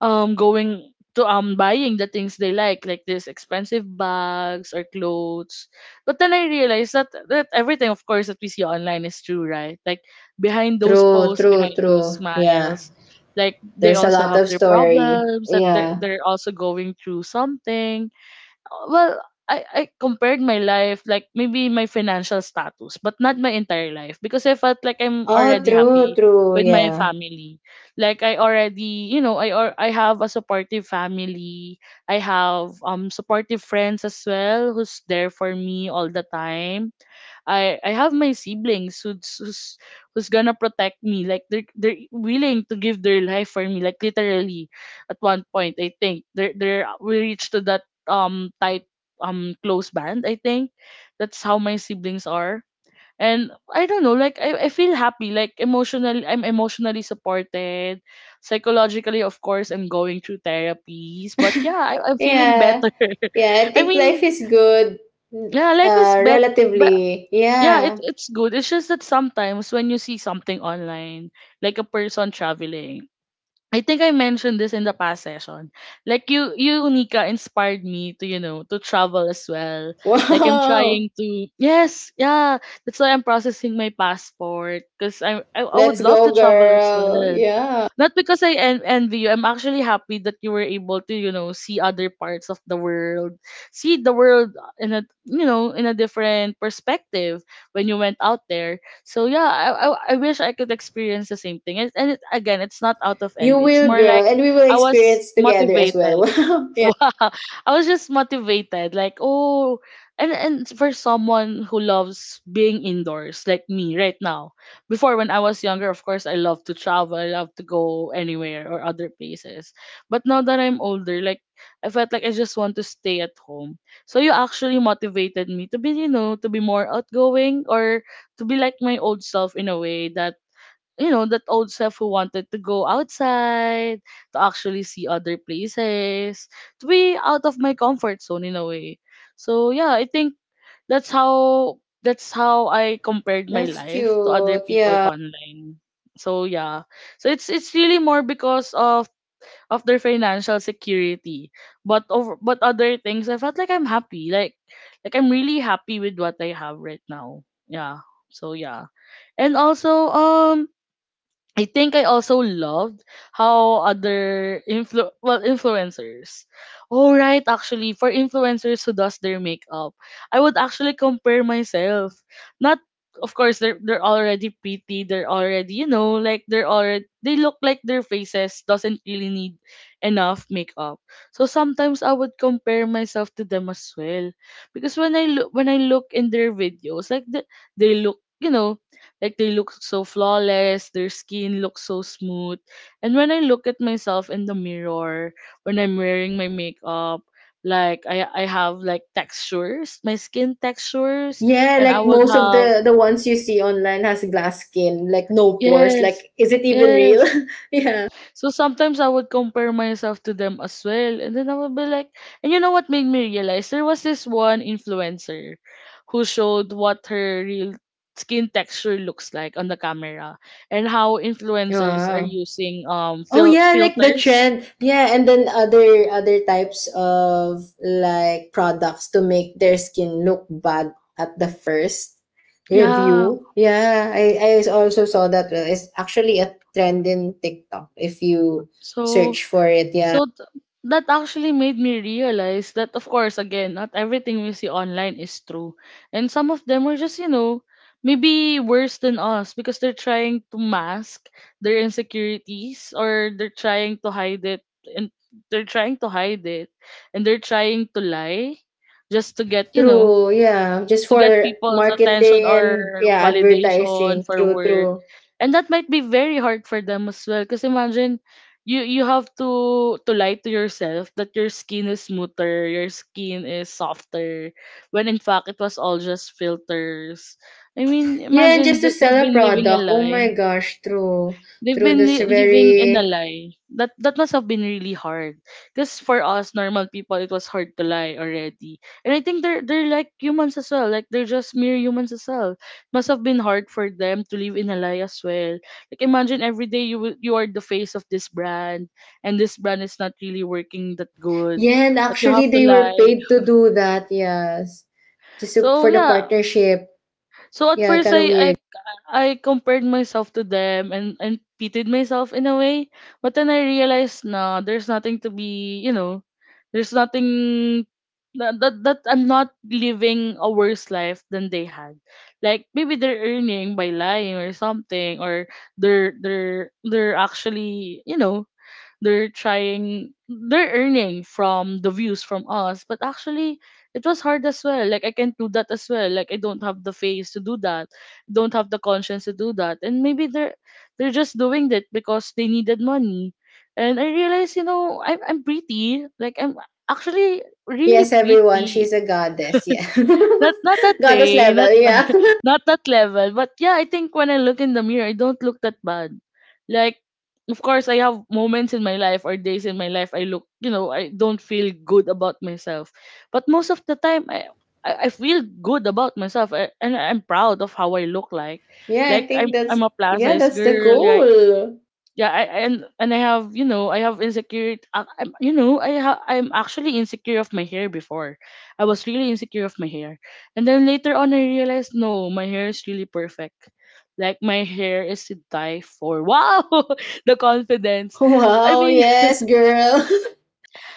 um going to um buying the things they like like these expensive bags or clothes. But then I realized that that everything, of course, that we see online is true, right? Like, behind those
True,
posts,
true,
behind those
true. Yeah.
smiles, like, they
There's a
also
lot
have
of
their
story.
problems, that they're,
Yeah.
they're also going through something. Well, I, I compared my life, like, maybe my financial status, but not my entire life, because I felt like I'm
Oh,
already
true,
happy
true.
with my
Yeah.
family. Like, I already, you know I, or I have a supportive family. I have um supportive friends as well, who's there for me all the time. I I have my siblings, who's who's, who's gonna protect me. Like, they're they're willing to give their life for me. Like, literally, at one point, I think they're they're we reached to that um tight, um close band. I think that's how my siblings are. And I don't know, like, I, I feel happy, like, emotionally, I'm emotionally supported. Psychologically, of course, I'm going through therapies. But yeah, I, I'm feeling
Yeah.
better.
Yeah, I
I
think life
mean,
is good,
yeah, life is
uh,
better.
relatively.
Yeah, it,
Yeah.
it's good. It's just that sometimes when you see something online, like a person traveling, I think I mentioned this in the past session. Like you, you Nika inspired me to you know to travel as well. Like I'm
Wow.
trying to yes, yeah. That's why I'm processing my passport because I, I I
Let's
would love to
go,
travel as
girl.
well.
Yeah.
Not because I en- envy you. I'm actually happy that you were able to, you know, see other parts of the world, see the world in a, you know, in a different perspective when you went out there. So yeah, I, I, I wish I could experience the same thing. And, and it, again, it's not out of
You
envy. It's
will,
more
girl.
like
And we will
I was
experience together as well.
motivated.
Wow. Yeah.
Wow. I was just motivated like oh and and for someone who loves being indoors like me right now. Before when I was younger, of course, I love to travel, I love to go anywhere or other places. But now that I'm older, like I felt like I just want to stay at home. So you actually motivated me to be, you know, to be more outgoing or to be like my old self in a way that, you know, that old self who wanted to go outside, to actually see other places, to be out of my comfort zone in a way. So yeah, I think that's how that's how I compared my
That's
life to other
cute.
people
Yeah.
online. So yeah, so it's it's really more because of of their financial security, but over, but other things I felt like I'm happy, like like I'm really happy with what I have right now. Yeah, so yeah. And also, um, I think I also loved how other influ well influencers. Oh right, actually, for influencers who does their makeup, I would actually compare myself. Not of course they're they're already pretty, they're already, you know, like they're already, they look like their faces doesn't really need enough makeup. So sometimes I would compare myself to them as well. Because when I look when I look in their videos, like the, they look, you know, like they look so flawless, their skin looks so smooth. And when I look at myself in the mirror, when I'm wearing my makeup, like I I have like textures, my skin textures,
Yeah,
and I
like
would
most of
have
the the ones you see online has glass skin, like no pores.
yes,
Like, is it even real?
yes.
Yeah.
So sometimes I would compare myself to them as well. And then I would be like, and you know what made me realize? There was this one influencer who showed what her real skin texture looks like on the camera and how influencers are
Wow.
using um
Oh
fil-
yeah, like the
filters.
trend. Yeah, and then other other types of like products to make their skin look bad at the first
Yeah.
review. Yeah, I I also saw that. uh, It's actually a trend in TikTok if you
So
search for it. Yeah.
So th- that actually made me realize that, of course, again, not everything we see online is true. And some of them are just, you know, maybe worse than us because they're trying to mask their insecurities or they're trying to hide it, and they're trying to hide it and they're trying to lie just to get, you know,
True. Yeah, just
to
for
get people's attention
marketing, and
or
yeah,
validation
advertising.
for
True,
work.
true.
And that might be very hard for them as well. Because imagine you you have to to lie to yourself that your skin is smoother, your skin is softer, when in fact it was all just filters. I mean,
Yeah, and
imagine
just to
that
sell
they've
a
been living a
product. Oh my
lie.
gosh, true.
They've
True,
been
that's
li- living in a
very.
lie. That that must have been really hard. Because for us normal people, it was hard to lie already. And I think they're they're like humans as well. Like they're just mere humans as well. Must have been hard for them to live in a lie as well. Like imagine every day you will- you are the face of this brand, and this brand is not really working that good,
Yeah, and
but you have
actually
to
they were
lie.
paid to do that, yes. Just to-
So
for the
yeah,
partnership.
so at
Yeah,
first
kind of
I I
weird.
I compared myself to them and and pitied myself in a way, but then I realized no, there's nothing to be, you know, there's nothing that, that that I'm not living a worse life than they had. Like maybe they're earning by lying or something, or they're they're they're actually, you know, they're trying they're earning from the views from us, but actually it was hard as well. Like I can't do that as well. Like I don't have the face to do that, don't have the conscience to do that. And maybe they're they're just doing that because they needed money. And I realized, you know, i'm, I'm pretty, like I'm actually really
Yes, everyone,
pretty.
she's a goddess, yeah.
Not not that
Goddess
way,
level,
not
yeah.
not that level. But yeah, I think when I look in the mirror, I don't look that bad. Like, of course, I have moments in my life or days in my life I look, you know, I don't feel good about myself. But most of the time, I I, I feel good about myself, a- and I'm proud of how I look like.
Yeah, I
Like I'm
think that's,
I'm a plus
yeah,
size
that's the
girl, yeah,
goal.
yeah. I, and and I have, you know, I have insecure I, I'm, you know, i ha- I'm actually insecure of my hair before, I was really insecure of my hair. And then later on I realized no, my hair is really perfect. Like my hair is to die for, wow. The confidence, I
Wow,
mean,
yes, girl.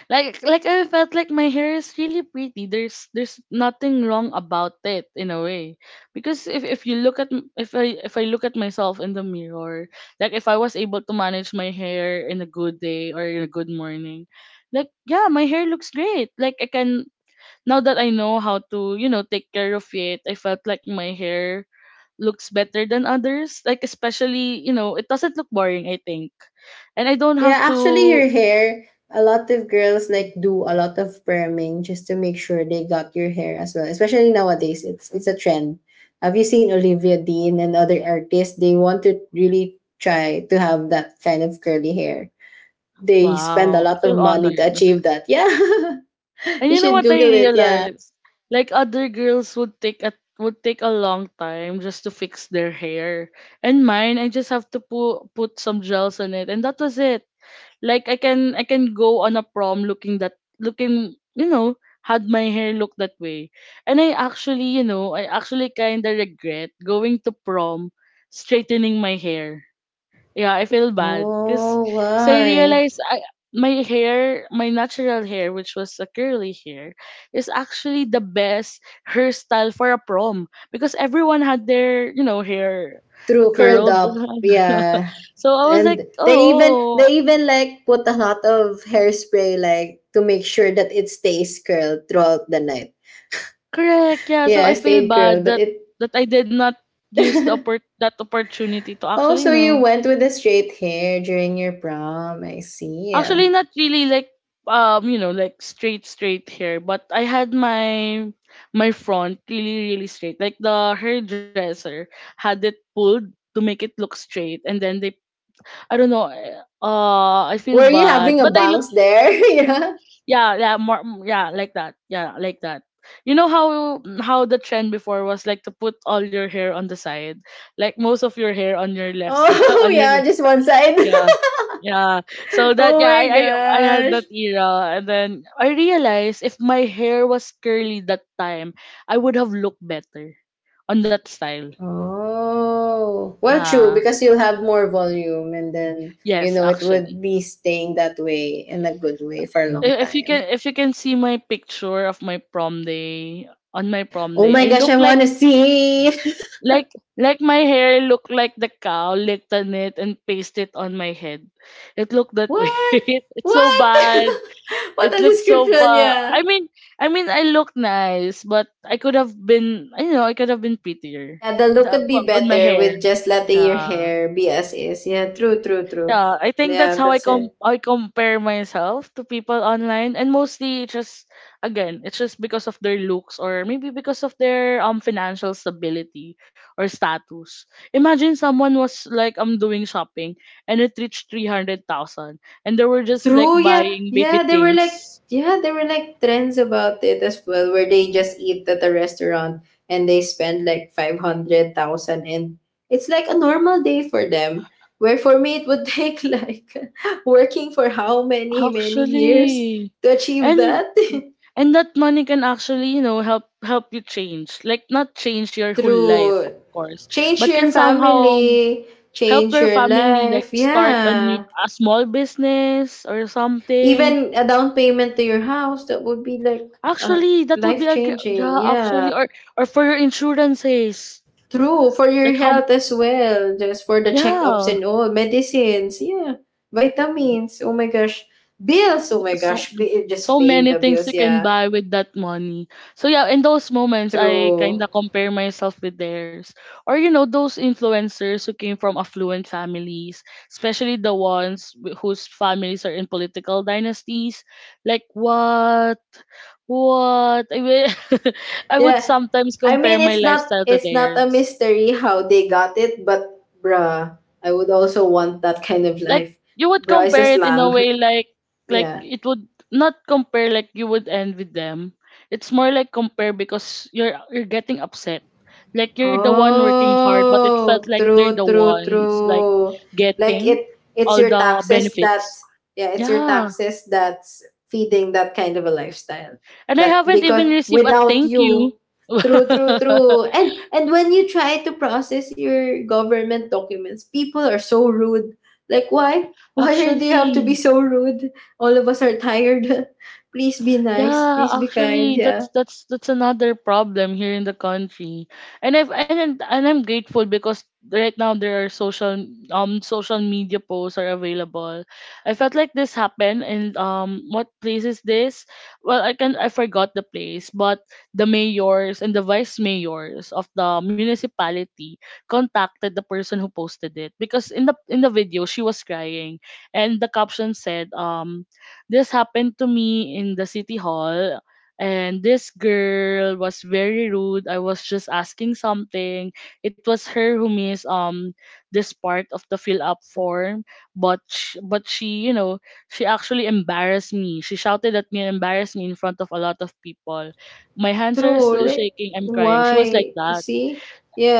like like I felt like my hair is really pretty. There's there's nothing wrong about it in a way. Because if if you look at m- if I if I look at myself in the mirror, like if I was able to manage my hair in a good day or in a good morning, like yeah, my hair looks great. Like I can, now that I know how to, you know, take care of it, I felt like my hair looks better than others. Like especially, you know, it doesn't look boring, I think. And I don't
Yeah,
have
actually,
to.
your hair, a lot of girls like do a lot of perming just to make sure they got your hair as well. Especially nowadays, it's it's a trend. Have you seen Olivia Dean and other artists? They want to really try to have that kind of curly hair. They spend a
Wow, I
lot of
feel
money to
honored.
achieve that. Yeah,
And
you
you know
should
what I
Google it. Yeah.
realized? Like other girls would take a would take a long time just to fix their hair. And mine, I just have to put put some gels on it and that was it. Like I can I can go on a prom looking that, looking, you know, had my hair look that way. And I actually, you know, I actually kind of regret going to prom straightening my hair. Yeah, I feel bad because
Oh,
I
why?
realized I my hair, my natural hair, which was a curly hair, is actually the best hairstyle for a prom because everyone had their, you know, hair
True, curled
curled.
up. Yeah.
So I was like,
And they even they
oh,
even like put a lot of hairspray like to make sure that it stays curled throughout the night.
correct, yeah. So
Yeah,
I feel
stayed
bad
curled, but
that
it.
that I did not use the oppor- that opportunity to
Oh,
actually, you
so you
know,
went with the straight hair during your prom. I see. Yeah.
actually, not really like, um, you know, like straight straight hair, but I had my my front really really straight. Like the hairdresser had it pulled to make it look straight, and then they I don't know. eh, Uh, I feel
Were you
bad,
having a
but I look
bangs there? Yeah.
yeah yeah more mm, yeah like that, yeah like that. You know how how the trend before was like to put all your hair on the side, like most of your hair on your left side
Oh,
on your
yeah, just one side.
yeah. Yeah. So that
Oh
yeah,
my
I, I I had
gosh.
that era and then I realized if my hair was curly that time, I would have looked better on that style.
Oh, well, true,
Yeah.
because you'll have more volume, and then, you
Yes,
know, it would
actually.
be staying that way in a good way for a long
I- If you
time.
can, if you can see my picture of my prom day, on my prom
Oh
day, I
my gosh,
look
I want
like,
to see.
like like my hair looked like the cow licked on it and pasted it on my head. It looked that way.
What?
It's so
What?
bad.
What
It
a
looked so
description,
bad.
yeah.
I mean, I mean, I look nice, but I could have been, I know, I could have been prettier.
Yeah, the look
That
could
wa-
be
with my
better
hair.
with just letting your
Yeah,
hair be as is. Yeah, true, true, true.
yeah. I think that's
Yeah,
how I
that's.
com I compare myself to people online, and mostly it's just, again, it's just because of their looks or maybe because of their um financial stability or status. Imagine someone was like I'm doing shopping and it reached three hundred thousand, and they were just like
True, yeah,
buying
yeah.
baby
There were like
things.
Yeah, there were like trends about it as well, where they just eat at a restaurant and they spend like five hundred thousand, and it's like a normal day for them. Where for me it would take like working for how many, many years
Actually,
to achieve
and
that.
and that money can actually, you know, help help you change. Like not change your whole life, of
True,
course, but
change
can
your
somehow
family,
help
change
your
your
family like
life.
start a new
Yeah,
a small business or something.
even a down payment to your house, that would be like, uh,
Actually, that would be
life
a gr-
changing.
yeah,
Yeah.
actually, or or for your insurances.
True, for
Like
your
how
health as well, just for the checkups
yeah.
and all, medicines, yeah, vitamins. Oh my gosh, bills. Oh my
So
gosh, pay, just
so
paying
many
the
things
bills.
you can
Yeah,
buy with that money. So yeah, in those moments I
true.
kind of compare myself with theirs. Or you know, those influencers who came from affluent families, especially the ones wh- whose families are in political dynasties. Like what? What? I will- I would
Yeah,
sometimes
I mean,
compare my
it's not
lifestyle to
it's not a
theirs.
mystery how they got it, but bruh, I would also want that kind of
Like
life.
you would
Bruh is a
compare it in a
slang.
way like like
Yeah.
it would not compare, like you would envy them. It's more like compare because you're you're getting upset. Like you're the one working hard, but it felt
Oh,
like they're
true,
the
true,
ones like
true. Like
getting
it it's
all
your
the
taxes
benefits.
that's yeah, it's your
Yeah.
taxes that's feeding that kind of a lifestyle.
And I
That
haven't
because
even received a
without
thank you.
you, true, true, true. And and when you try to process your government documents, people are so rude. Like why? Why do you have to be
Actually,
so rude? All of us are tired. Please be nice.
Yeah,
Please be kind.
actually, that's
Yeah.
that's that's another problem here in the country, and I've and and I'm grateful because right now there are social um social media posts are available. I felt like this happened, and um, what place is this? Well, I can I forgot the place, but the mayors and the vice mayors of the municipality contacted the person who posted it because in the in the video she was crying, and the caption said um this happened to me in the city hall, and this girl was very rude. I was just asking something. It was her who missed um this part of the fill up form, but sh- but she, you know, she actually embarrassed me. She shouted at me and embarrassed me in front of a lot of people. My hands are
True,
still
like
shaking. I'm crying. She was like
why? You
that.
see?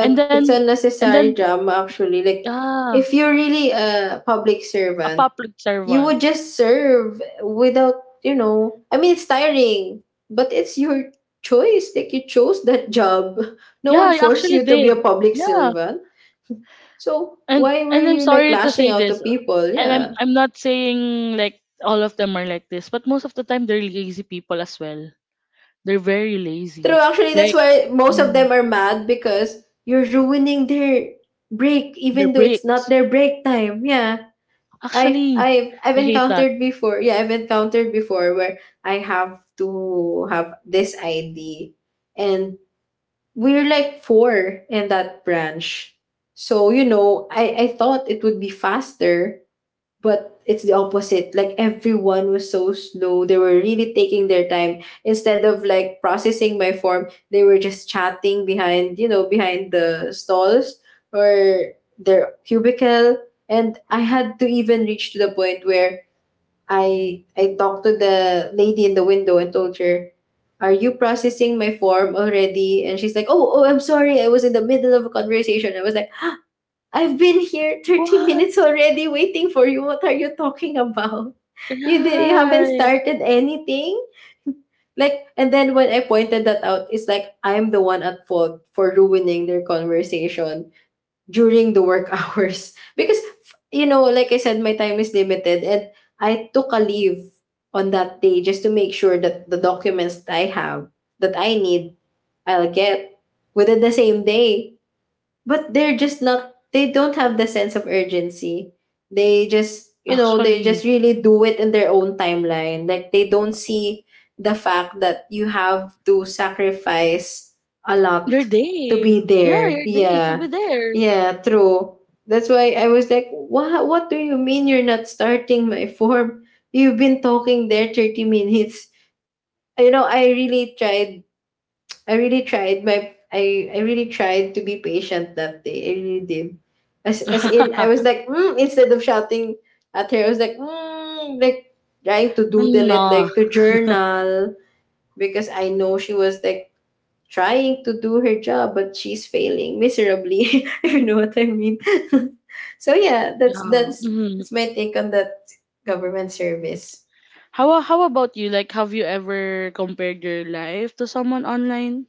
And then
it's
and then
unnecessary drama actually. Like
yeah,
if you're really a public
a
servant,
public
you
servant.
would just serve without, you know, I mean it's tiring, but it's your choice. Like you chose that job. No
Yeah,
one
I
forced
actually
you to be a
did.
public
Yeah.
servant. So
and
why
and
were
I'm
you like
sorry to
lashing
say
out to
this,
people?
and I'm
Yeah.
I'm not saying like all of them are like this, but most of the time they're lazy people as well. They're very
True,
lazy.
actually, that's
Like
why most of
mm,
them are mad because you're ruining their break,
their
even though it's not
breaks.
their break time. Yeah, I,
Actually,
I've, I've
I hate that.
encountered before. Yeah, I've encountered before where I have to have this I D, and we're like four in that branch. So you know, I, I thought it would be faster, but it's the opposite. Like everyone was so slow. They were really taking their time. Instead of like processing my form, they were just chatting behind, you know, behind the stalls or their cubicle. And I had to even reach to the point where I I talked to the lady in the window and told her, "Are you processing my form already?" And she's like, "Oh, oh, I'm sorry, I was in the middle of a conversation." I was like, "I've been here thirty
What?
minutes already waiting for you. What are you talking about?" You did you haven't
Right.
started anything? Like and then when I pointed that out, it's like I'm the one at fault for ruining their conversation during the work hours. Because f- you know, like I said, my time is limited and I took a leave on that day just to make sure that the documents that I have that I need I'll get within the same day, but they're just not, they don't have the sense of urgency, they just, you know, they
Actually,
just really do it in their own timeline, like they don't see the fact that you have to sacrifice a
your
lot to
day.
be
Yeah,
there,
your day to be
yeah.
there.
Yeah, true. That's why I was like, what what do you mean you're not starting my form, you've been talking there thirty minutes, you know. I really tried, I really tried my I I really tried to be patient that day. I really did. As as in, I was like, mm, instead of shouting at her, I was like, mm, like trying to doodle it,
No.
like to journal, because I know she was like trying to do her job but she's failing miserably if you know what I mean. So yeah, that's
Yeah.
that's
Mhm.
that's my take on that government service.
How how about you? Like, have you ever compared your life to someone online?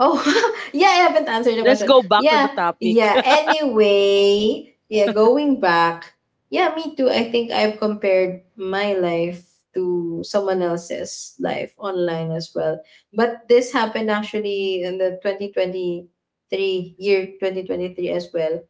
Oh, yeah, I haven't answered the
Let's
question.
go back to the
Yeah,
topic.
yeah. Anyway, yeah, going back. Yeah, me too. I think I've compared my life to someone else's life online as well. But this happened actually in the twenty twenty-three, year twenty twenty-three, as well.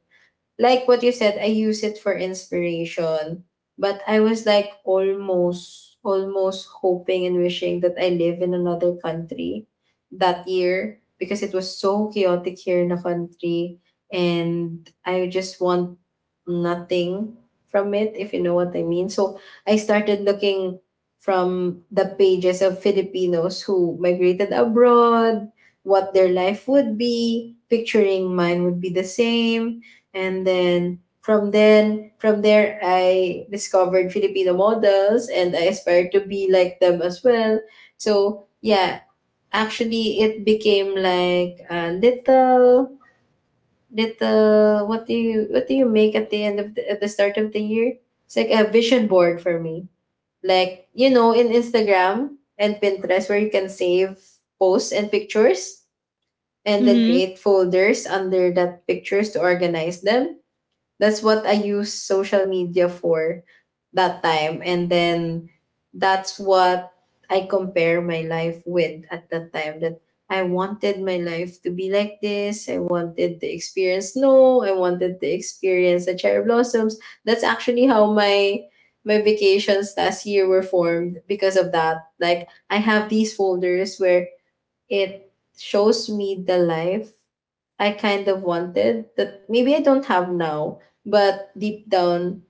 Like what you said, I use it for inspiration. But I was like almost, almost hoping and wishing that I live in another country that year, because it was so chaotic here in the country. And I just want nothing from it, if you know what I mean. So I started looking from the pages of Filipinos who migrated abroad, what their life would be, picturing mine would be the same. And then from then from there I discovered Filipino models and I aspired to be like them as well. So yeah, actually it became like a little, little, what do you, what do you make at the end of the, at the start of the year, it's like a vision board for me. Like, you know, in Instagram and Pinterest, where you can save posts and pictures and then
Mhm.
create folders under that pictures to organize them. That's what I use social media for that time. And then that's what I compare my life with at that time. That I wanted my life to be like this. I wanted to experience snow. I wanted to experience the cherry blossoms. That's actually how my my vacations last year were formed because of that. Like I have these folders where it shows me the life I kind of wanted, that maybe I don't have now, but deep down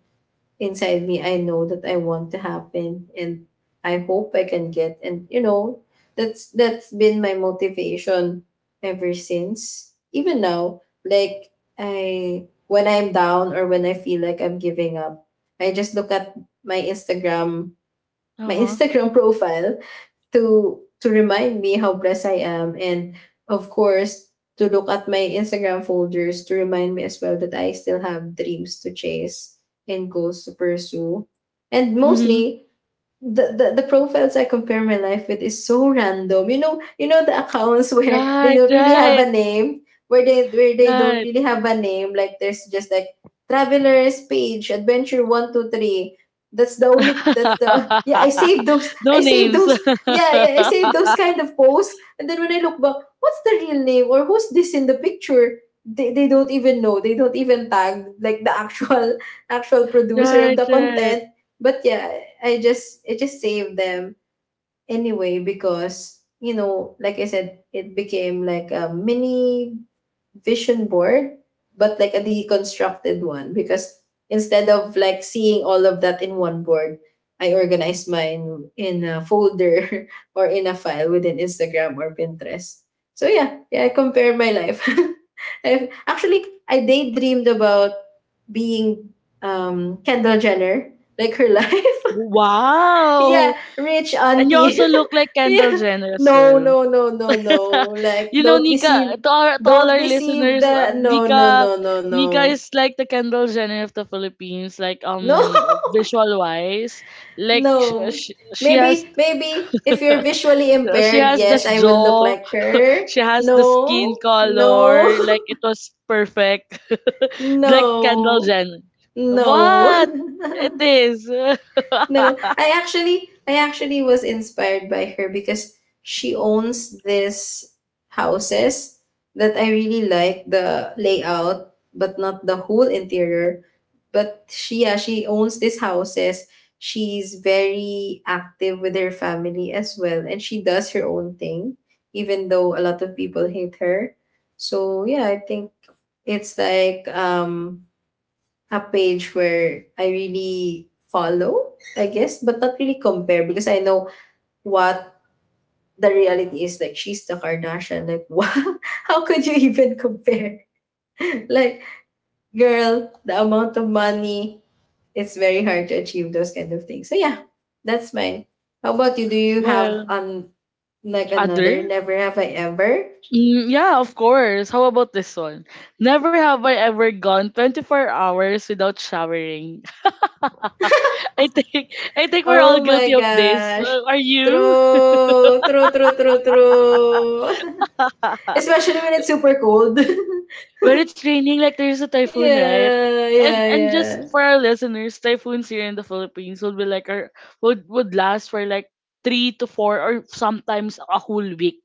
inside me, I know that I want to happen and I hope I can get. And you know, that's that's been my motivation ever since. Even now, like I when I'm down or when I feel like I'm giving up, I just look at my Instagram, my
Uh-huh.
Instagram profile, to to remind me how blessed I am and, of course, to look at my Instagram folders to remind me as well that I still have dreams to chase and goals to pursue. And
Mhm.
mostly the, the the profiles I compare my life with is so random. You know, you know the accounts where they
Right,
don't really have
right,
a name, where they where they don't
right.
really have a name. Like there's just like Travelers Page Adventure one two three. That's the only. That's the yeah. I saved those.
No
I saved
names.
those. Yeah, yeah. I saved those kind of posts. And then when I look back, what's the real name or who's this in the picture? They, they don't even know. They don't even tag like the actual actual producer of
Right,
the
right.
content. But yeah, i just i just saved them anyway, because you know, like I said, it became like a mini vision board, but like a deconstructed one, because instead of like seeing all of that in one board, I organized mine in a folder or in a file within Instagram or Pinterest. So yeah, yeah, I compare my life. I've, actually I daydreamed about being um Kendall Jenner, like her life. Yeah,
Wow!
rich
And you
auntie.
also look like Kendall
Yeah.
Jenner as
No,
well.
no, no, no, no. Like,
You know,
don't
Nika,
deceive
to, our, to all
don't
our
deceive
listeners,
the,
um,
no, no,
Nika,
no, no, no.
Nika is like the Kendall Jenner of the Philippines, like
No.
um, visual wise, like sh-
No.
sh- she has
Maybe, maybe if you're visually
she
impaired,
has the
yes, I will look
jaw.
like her.
She has the skin
No. No.
color, like it was perfect. Like Kendall
No.
Jenner.
No.
What? It is.
No, I actually I actually was inspired by her because she owns this houses that I really like the layout but not the whole interior. But she, yeah, she owns these houses. She's very active with her family as well and she does her own thing even though a lot of people hate her. So yeah, I think it's like um a page where I really follow, I guess, but not really compare, because I know what the reality is. Like, she's the Kardashian. Like, wow, how could you even compare? Like, girl, the amount of money, it's very hard to achieve those kind of things. So, yeah, that's mine. How about you? Do you have
Well,
an, like, another
other?
never have I ever?
Mm, yeah, of course. How about this one? Never have I ever gone twenty-four hours without showering. I think I think we're all
Oh
guilty
my
of this.
gosh.
Uh, Are you?
True, true, true, true, true. Especially when it's super cold.
When it's raining, like there's a typhoon, right?
Yeah,
And
yeah,
and just
yeah.
for our listeners, typhoons here in the Philippines would be like our would would last for like three to four or sometimes a whole week.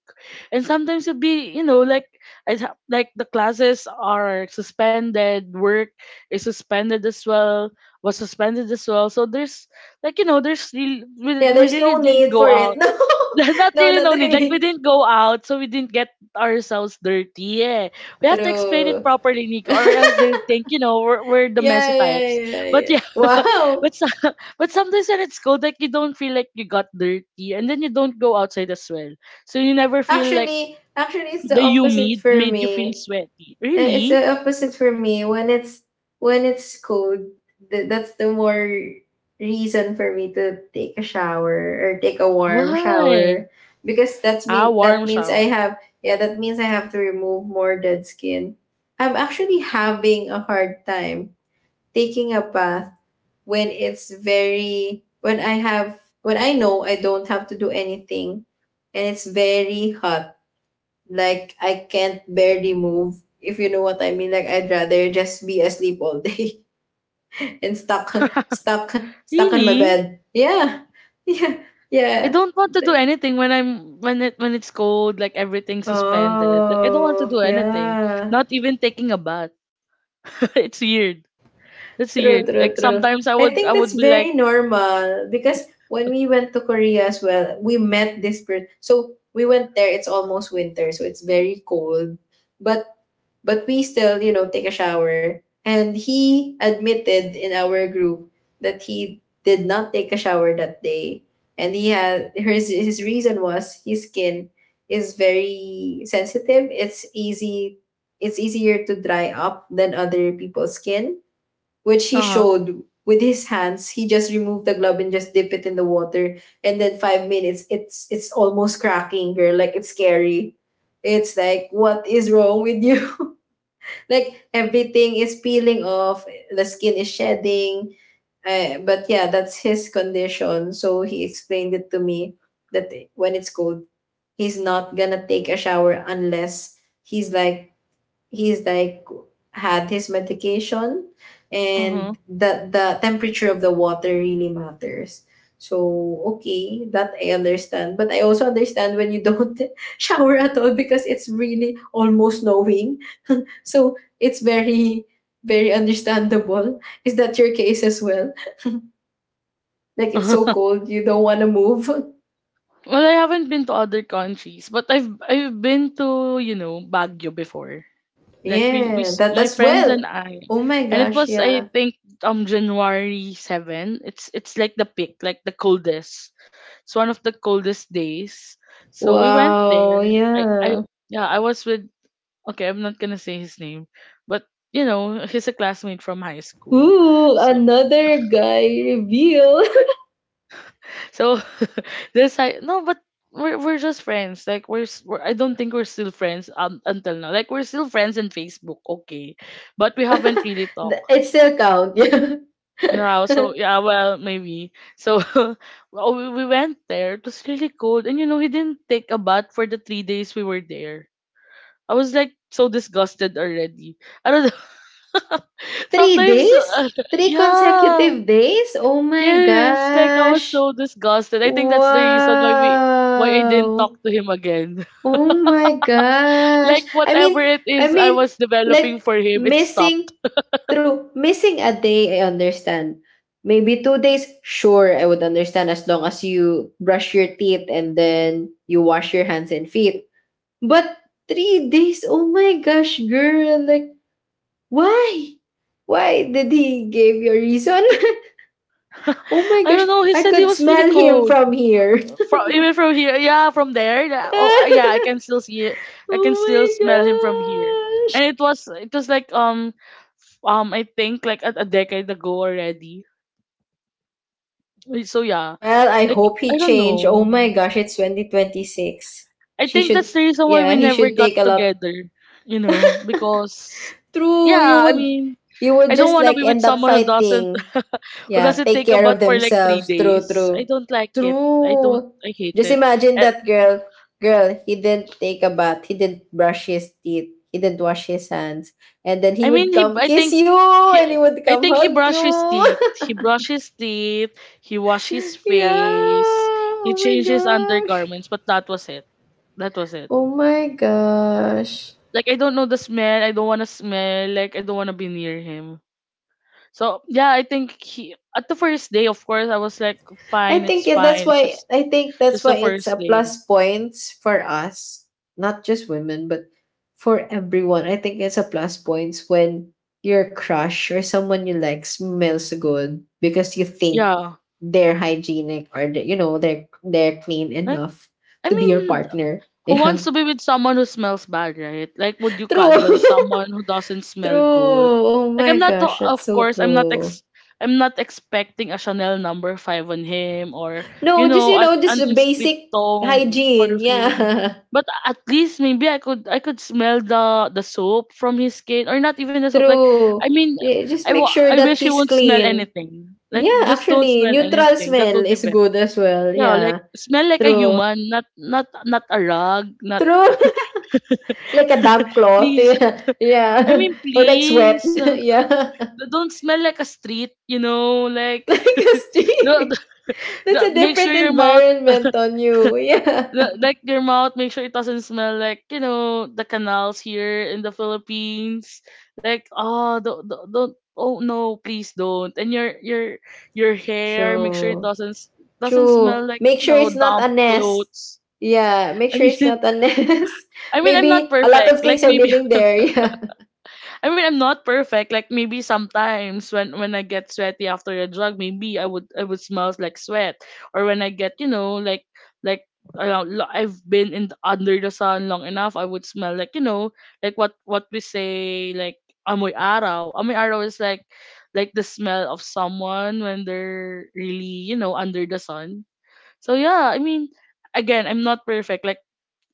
And sometimes it'd be, you know like, I'd ha- like the classes are suspended, work is suspended as well, was suspended as well. So there's, like, you know, there's really, we,
Yeah,
we
there's
really
no
didn't
need
go
for it.
out. There's not
No,
really
no, not
no need. Like we
really.
didn't go out, so we didn't get ourselves dirty. Yeah, we have to explain it
True.
properly, Nico, or else they think, you know, we're, we're the messy
Yeah, yeah,
types.
yeah,
But
yeah.
yeah, but
Wow.
so, but sometimes when it's cold, like you don't feel like you got dirty, and then you don't go outside as well, so you never feel like
Actually, actually, it's the
the
opposite
humid
for
made you feel
me.
sweaty.
Uh, It's the
Really?
opposite for me. When it's when it's cold, th- that's the more reason for me to take a shower or take a warm
Why?
shower, because that's
Ah,
mean that
warm
means
shower.
I have, yeah, that means I have to remove more dead skin. I'm actually having a hard time taking a bath when it's very, when I have, when I know I don't have to do anything and it's very hot. Like, I can't barely move, if you know what I mean. Like, I'd rather just be asleep all day and stuck, stuck, stuck on my
Really?
bed. Yeah, yeah,
I
yeah.
don't want to do
Like,
anything when I'm when it when it's cold, like everything's suspended. Like I don't want to
oh,
do anything.
yeah.
Not even taking a bath. It's weird. That's
True,
weird.
true,
Like
true.
sometimes I
I
would I
think
would
that's
be like,
very normal, because when we went to Korea as well, we met this person. So we went there. It's almost winter, so it's very cold. But But we still, you know, take a shower. And he admitted in our group that he did not take a shower that day. And he had his his reason was his skin is very sensitive. It's easy, it's easier to dry up than other people's skin, which he
uh-huh.
showed with his hands. He just removed the glove and just dip it in the water, and then five minutes it's it's almost cracking, girl, like, it's scary. It's like, what is wrong with you? Like, everything is peeling off, the skin is shedding. Uh, but yeah, that's his condition. So he explained it to me that when it's cold, he's not gonna take a shower unless he's like, he's like had his medication,
Uh-huh.
and the the temperature of the water really matters. So okay, that I understand. But I also understand when you don't shower at all, because it's really almost snowing, so it's very, very understandable. Is that your case as well? Like, it's so cold, you don't want to move.
Well, I haven't been to other countries, but I've I've been to, you know, Baguio before. Like we we
Yeah,
s-
that
my
as
friends and
well.
I,
Oh my
and it
gosh,
was I
yeah.
think um January seven. It's it's like the peak, like the coldest. It's one of the coldest days. So we went
Wow,
there. I I
yeah.
yeah, I was with, okay, I'm not gonna say his name, but you know he's a classmate from high school.
Ooh,
So
another guy reveal.
so this, I no but we're we're just friends. Like we're, s- we're I don't think we're still friends um until now. Like we're still friends in Facebook, okay, but we haven't really talked.
Th- it still count. Yeah.
Yeah, so yeah, well, maybe. So well, we, we went there. It was really cold, and you know, we didn't take a bath for the three days we were there. I was like so disgusted already. I don't know.
Three
Sometimes,
days?
uh,
Three
yeah,
consecutive days? Oh my
yes, like I was
gosh.
so disgusted. I think that's the reason why we why I didn't talk
Wow.
to him again.
Oh my gosh.
Like
I
whatever
mean,
it
I
is I
mean,
was developing
like,
for him, it stopped.
missing, through missing a day, I understand. Maybe two days, sure, I would understand as long as you brush your teeth and then you wash your hands and feet. But three days, oh my gosh, girl, like, why? Why did he give you a reason? Oh my
I
gosh,
don't know. He
I
said he
could
was really
smell him
cold.
from here.
From even from here, yeah, from there. Yeah, oh uh, yeah, I can still see it. I can still
Oh
smell him from here,
my gosh.
and it was it was like um f- um I think like a, a decade ago already. Eh, so yeah,
Well, I
like
hope
I
he
don't
changed. Oh
know,
my gosh, it's twenty twenty-six.
I
She
think
should,
that's the reason why
yeah,
we
he
never
should
got
take a lot.
together, you know, because,
True, you
yeah, I
would,
mean,
you would
I don't
just
want to
like
be with
end up
someone who doesn't
fighting.
who
Yeah,
doesn't
take
take a
care of
bath for like three
themselves. True,
days I
true.
don't like it. I don't
True.
I hate
Just
it.
imagine that girl. Girl, he didn't take a bath. He didn't brush his teeth. He didn't wash his hands. And then he
I mean,
would
he.
come
I
kiss
think
you
he.
and he would
I
come
think he
hug you.
brushed his teeth. He brushed his teeth. He washed his
Yeah.
face. He
Oh my
changed his
gosh.
undergarments, but that was it. That was it.
Oh my gosh.
Like I don't know the smell. I don't want to smell. Like I don't want to be near him. So yeah, I think he at the first day, of course, I was like,
I
fine,
think
it's
it-
fine.
that's
It's
why
just
I think that's
just the
why it's a
first day.
plus points for us, not just women, but for everyone. I think it's a plus points when your crush or someone you like smells good because you think
Yeah,
they're hygienic or they, you know they're they're clean
like
enough
I
to be your
mean,
partner.
who wants
Yeah,
to be with someone who smells bad, right? Like, would you cuddle
true,
someone who doesn't
true.
smell good?
Oh
Like, I'm
my
not,
gosh,
to-
that's
of
so
course, I'm not
true.
ex, I'm not expecting a Chanel number five on him, or
No,
you
just
know,
you
an
know, just
an
the basic
inscriptum
hygiene.
perfume.
Yeah.
But at least maybe I could I could smell the the soap from his skin, or not even the soap. Like,
True.
I mean,
Yeah, just
I
make
wa-
sure
I
that
wish he
he's
won't smell
clean.
anything. Like,
Yeah,
just don't
actually,
smell
neutral
anything. That
smell
would be
is
better.
good as well.
Yeah, like
Yeah.
smell like a
True.
human, not not not a rug, not
True. Like a damp cloth.
please.
Yeah.
I
Yeah.
mean,
Or like sweat.
please, uh,
yeah.
don't smell like a street. You know,
Like
like
a
the, the,
steam. That's
the
a
make sure
different
your mouth,
environment on you. Yeah.
the, like your mouth make sure it doesn't smell like, you know, the canals here in the Philippines. Like, oh, don't don't, don't oh no, please don't. And your your your hair, make sure it
True.
doesn't s- doesn't
True.
smell like,
Make
you
sure
know,
it's not
damp
a nest.
clothes.
Yeah. Make
I
sure
mean
it's not a nest.
I mean, I'm not
Maybe a lot of
perfect. Like
things are
maybe
living there. Yeah.
I mean, I'm not perfect. Like maybe sometimes when when I get sweaty after a jog, maybe I would I would smells like sweat, or when I get, you know, like like around, lo- I've been in the, under the sun long enough, I would smell like, you know, like what what we say, like amoy araw. Amoy araw is like like the smell of someone when they're really, you know, under the sun. So yeah, I mean, again, I'm not perfect. Like,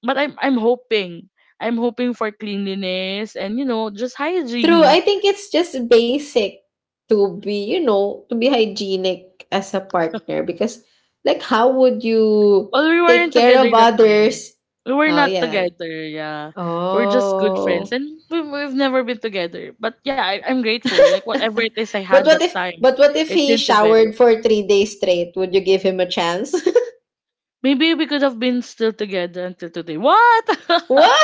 but I'm I'm hoping I'm hoping for cleanliness and, you know, just
True,
hygiene.
I think it's just basic to be, you know, to be hygienic as a partner, because like how would you
Well, we weren't
take care
together
of
that time.
others?
We were
Oh
not
yeah.
together, yeah. We're just good friends,
Oh.
and we, we've never been together. But yeah, I, I'm grateful. Like whatever it is I
But
had
what
that
if
time,
but what if
it
he
didn't develop.
showered for three days straight? Would you give him a chance?
Maybe we could have been still together until today. What?
What?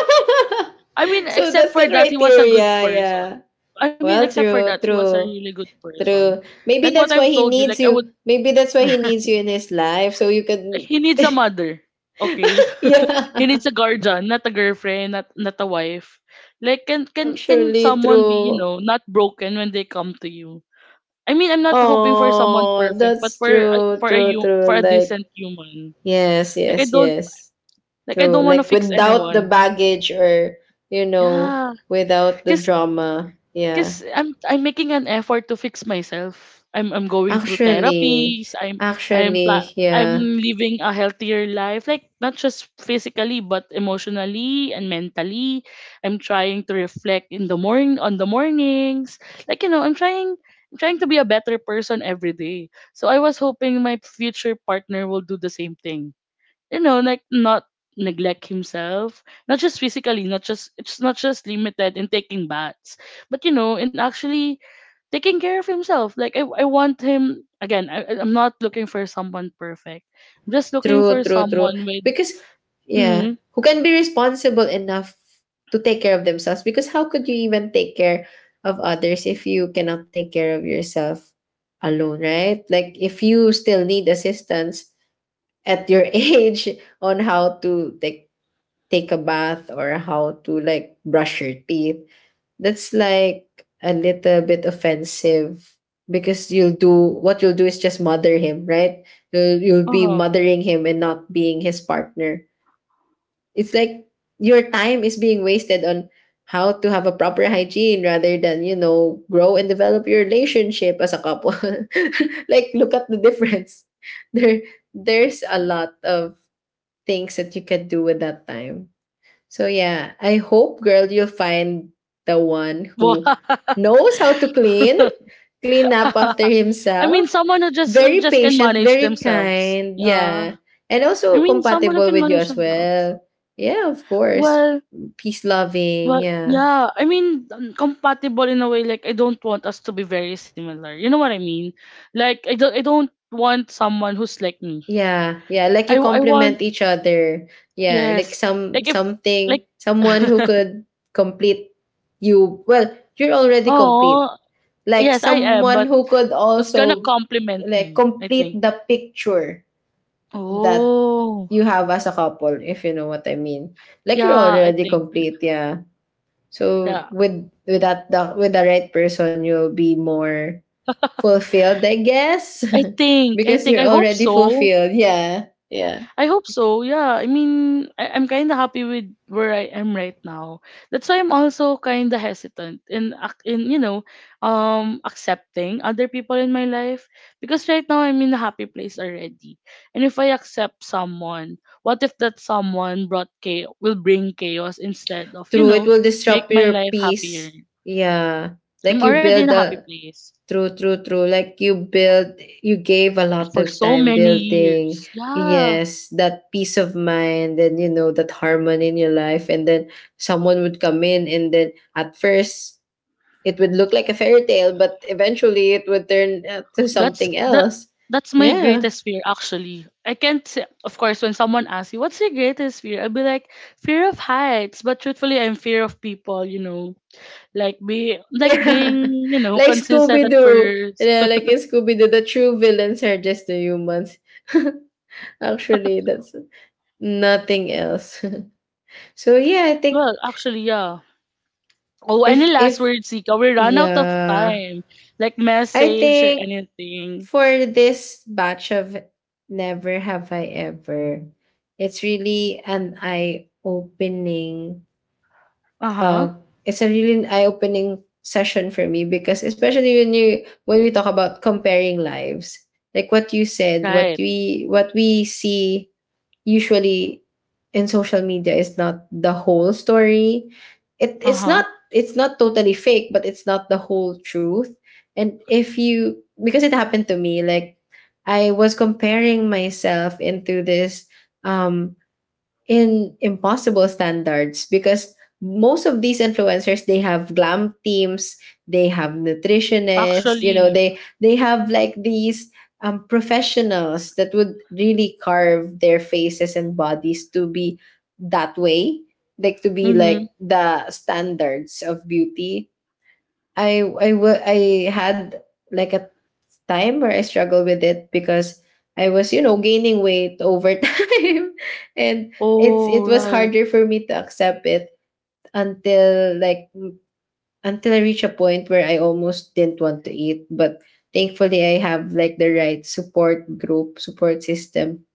I mean,
So
except
that's the
for that, he was a good
criteria, yeah.
person. I mean, except
Well,
for that,
true,
he was a
true,
really good person.
true.
Like
Maybe
what
that's
I've
why he
told you, like I
needs
would,
you. Maybe that's why he needs you in his life so you can
he needs a mother. Okay, he
yeah.
needs a guardian, not a girlfriend, not not a wife. Like can can can
Actually,
someone be, you
true.
know, not broken when they come to you? I mean, I'm not hoping for someone
Oh,
perfect, but
that's
for a-
true,
for a
true,
you
true.
for a
Like,
decent human.
yes,
Like I
yes,
don't
yes.
like I
True.
don't want to
Like,
fix
without the
anyone.
baggage or, you know,
Yeah,
without the
because
drama. Yeah.
because I'm I'm making an effort to fix myself. I'm I'm going through
Actually,
therapies. I'm I'm
actually,
pla- I'm
yeah.
living a healthier life, like not just physically but emotionally and mentally. I'm trying to reflect in the morning on the mornings. Like, you know, I'm trying I'm trying to be a better person every day. So I was hoping my future partner will do the same thing, you know, like not neglect himself, not just physically, not just it's not just limited in taking baths, but you know, in actually taking care of himself. Like I, I want him again. I, I- I'm not looking for someone perfect. I'm just looking
True,
for
true, true.
someone with.
Because yeah,
Mm-hmm.
who can be responsible enough to take care of themselves? Because how could you even take care of others if you cannot take care of yourself alone, right? Like if you still need assistance at your age on how to take take a bath or how to like brush your teeth. That's like a little bit offensive because you'll do what you'll do is just mother him, right? You'll, you'll be
Uh-huh.
mothering him and not being his partner. It's like your time is being wasted on how to have a proper hygiene rather than, you know, grow and develop your relationship as a couple. Like look at the difference. There there's a lot of things that you can do with that time. So yeah, I hope, girl, you'll find the one who knows how to clean, clean up after
I mean,
himself,
someone who just who
very
just can
patient,
manage
very
themselves.
kind,
Yeah.
yeah. And
I
also
mean, someone who
compatible
can
with you
manage
as
themselves.
well. Yeah, of course.
Well,
Peace loving,
Well,
yeah.
yeah, I mean, um, compatible in a way. Like, I don't want us to be very similar. You know what I mean? Like, I don't, I don't want someone who's like me.
Yeah, yeah, like
I,
you
w- I want,
complement each other. Yeah, like
yes.
some
Like, if, like,
something someone who could complete you. Well, you're already
oh,
complete, like
yes, I am,
someone
but
who could
it's gonna
also
complement
like
me. I
complete
think.
the picture that
Oh,
you have as a couple, if you know what I mean. Like, you're
yeah, I
already
think.
complete, yeah. So
Yeah,
with with that the, with the right person you'll be more fulfilled, I guess.
I think. I
Because
think.
you're
I hope
already
so.
fulfilled, yeah, yeah.
I hope so. Yeah. I mean, I, I'm kind of happy with where I am right now. That's why I'm also kind of hesitant in ac- in, you know, um accepting other people in my life because right now I'm in a happy place already. And if I accept someone, what if that someone brought chaos, will bring chaos instead of, you
True, it
know,
will
make
disrupt
my
your
life happier.
peace, yeah. Like
I'm
you
already in a
build
happy
a...
place
True, true, true. Like you build, you gave a lot
for
of
so
time
many
building,
years. Yeah.
yes, that peace of mind and, you know, that harmony in your life. And then someone would come in, and then at first it would look like a fairy tale, but eventually it would turn uh, to
That's
something
that
else.
that's my
Yeah.
greatest fear actually. I can't say, of course, when someone asks you what's your greatest fear, I would be like fear of heights. But truthfully I'm fear of people, you know. Like, be like
Yeah.
being, you know,
Like
consistent at
Scooby Doo.
first.
Yeah, like in Scooby Doo, the true villains are just the humans. Actually, that's nothing else. So yeah, I think.
Well, actually yeah. Oh, any
If
last
if
words, Sika? We run out of
Yeah.
time. Like
I
message or
think
anything.
for this batch of Never Have I Ever, it's really an eye opening
Uh-huh.
uh, it's a really an eye opening session for me, because especially when you when we talk about comparing lives, like what you said, what
Right.
we what we see usually in social media is not the whole story. It it's
Uh-huh.
not it's not totally fake, but it's not the whole truth. And if you because it happened to me, like I was comparing myself into this um in impossible standards, because most of these influencers, they have glam teams, they have nutritionists, you know
Actually.
they they have like these um, professionals that would really carve their faces and bodies to be that way, like to be
Mm-hmm.
like the standards of beauty. I I wa- I had like a time where I struggled with it because I was you know gaining weight over time, and it's
Oh,
it was
right.
harder for me to accept it, until like until I reached a point where I almost didn't want to eat. But thankfully, I have like the right support group, support system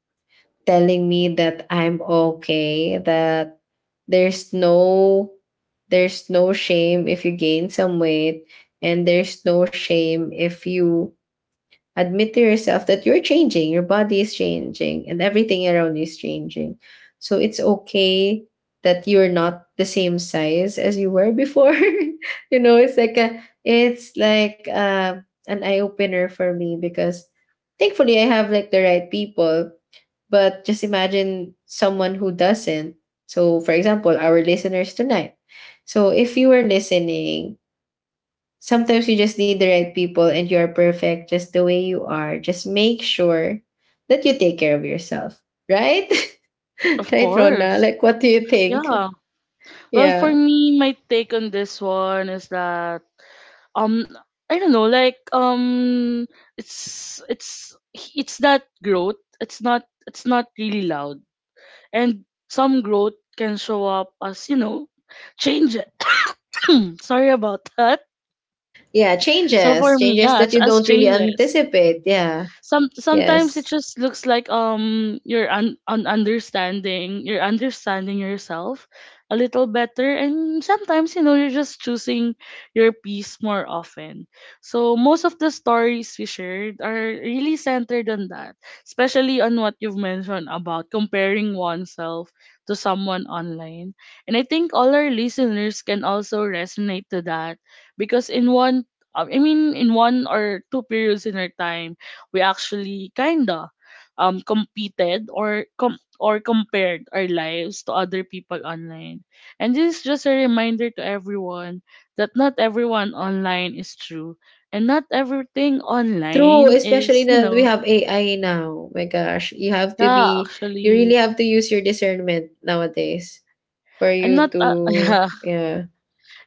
telling me that I'm okay, that there's no there's no shame if you gain some weight, and there's no shame if you admit to yourself that you're changing, your body is changing and everything around you is changing. So it's okay that you're not the same size as you were before. you know, it's like a it's like uh, an eye opener for me, because thankfully I have like the right people, but just imagine someone who doesn't. So, for example, our listeners tonight. So, if you were listening, sometimes you just need the right people, and you are perfect just the way you are. Just make sure that you take care of yourself, right?
Of
Right, Rona?
course.
Like, what do you think?
Yeah. Well, for
Yeah.
me, my take on this one is that, um I don't know, like, um it's it's it's that growth. It's not it's not really loud. And some growth can show up as, you know, change. Sorry about that.
Yeah,
So for
changes,
me,
changes
yeah, it's
that you
as
don't really
changes.
anticipate. Yeah.
Some sometimes it
Yes.
just looks like, um you're un, un understanding you're understanding yourself a little better, and sometimes, you know, you're just choosing your peace more often. So most of the stories we shared are really centered on that, especially on what you've mentioned about comparing oneself to someone online, and I think all our listeners can also resonate to that because, in one I mean, in one or two periods in our time, we actually kinda um competed or com- or compared our lives to other people online. And this is just a reminder to everyone that not everyone online is true, and not everything
True,
online
especially
is, you
that we
know,
have A I now. Oh my gosh, you have to
yeah,
be, you really
actually
have to use your discernment nowadays for
I'm
you
not uh,
to,
yeah,
yeah.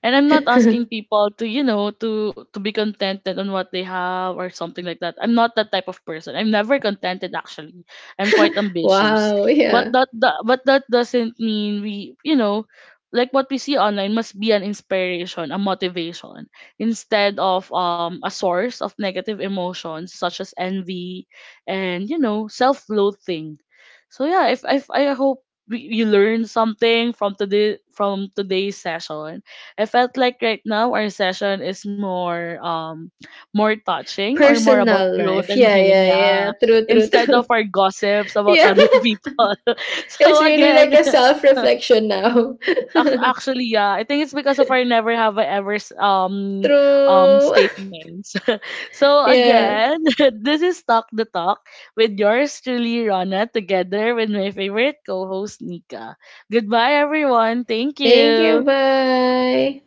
and I'm not asking people to, you know, to to be contented on what they have or something like that. I'm not that type of person. I'm never contented actually. I'm quite ambitious,
Wow,
but
yeah.
that, that but that doesn't mean we, you know, like what we see online must be an inspiration, a motivation instead of, um a source of negative emotions such as envy and, you know, self-loathing. So yeah, if, if I hope we- you learn something from today from today's session. I felt like right now our session is more, um more touching, or more about
Personal
growth
life.
and
Yeah,
healing,
yeah, yeah.
yeah,
True, true,
instead
true.
of our gossips about
Yeah,
other people. So
it's really
again,
like a self reflection now.
ac- actually, yeah, I think it's because of our never have I ever s- um um
True.
statements. So
yeah.
again, this is Talk the Talk with yours truly, Rana, together with my favorite co-host Nika. Goodbye, everyone. Thank
Thank you.
you.
Bye.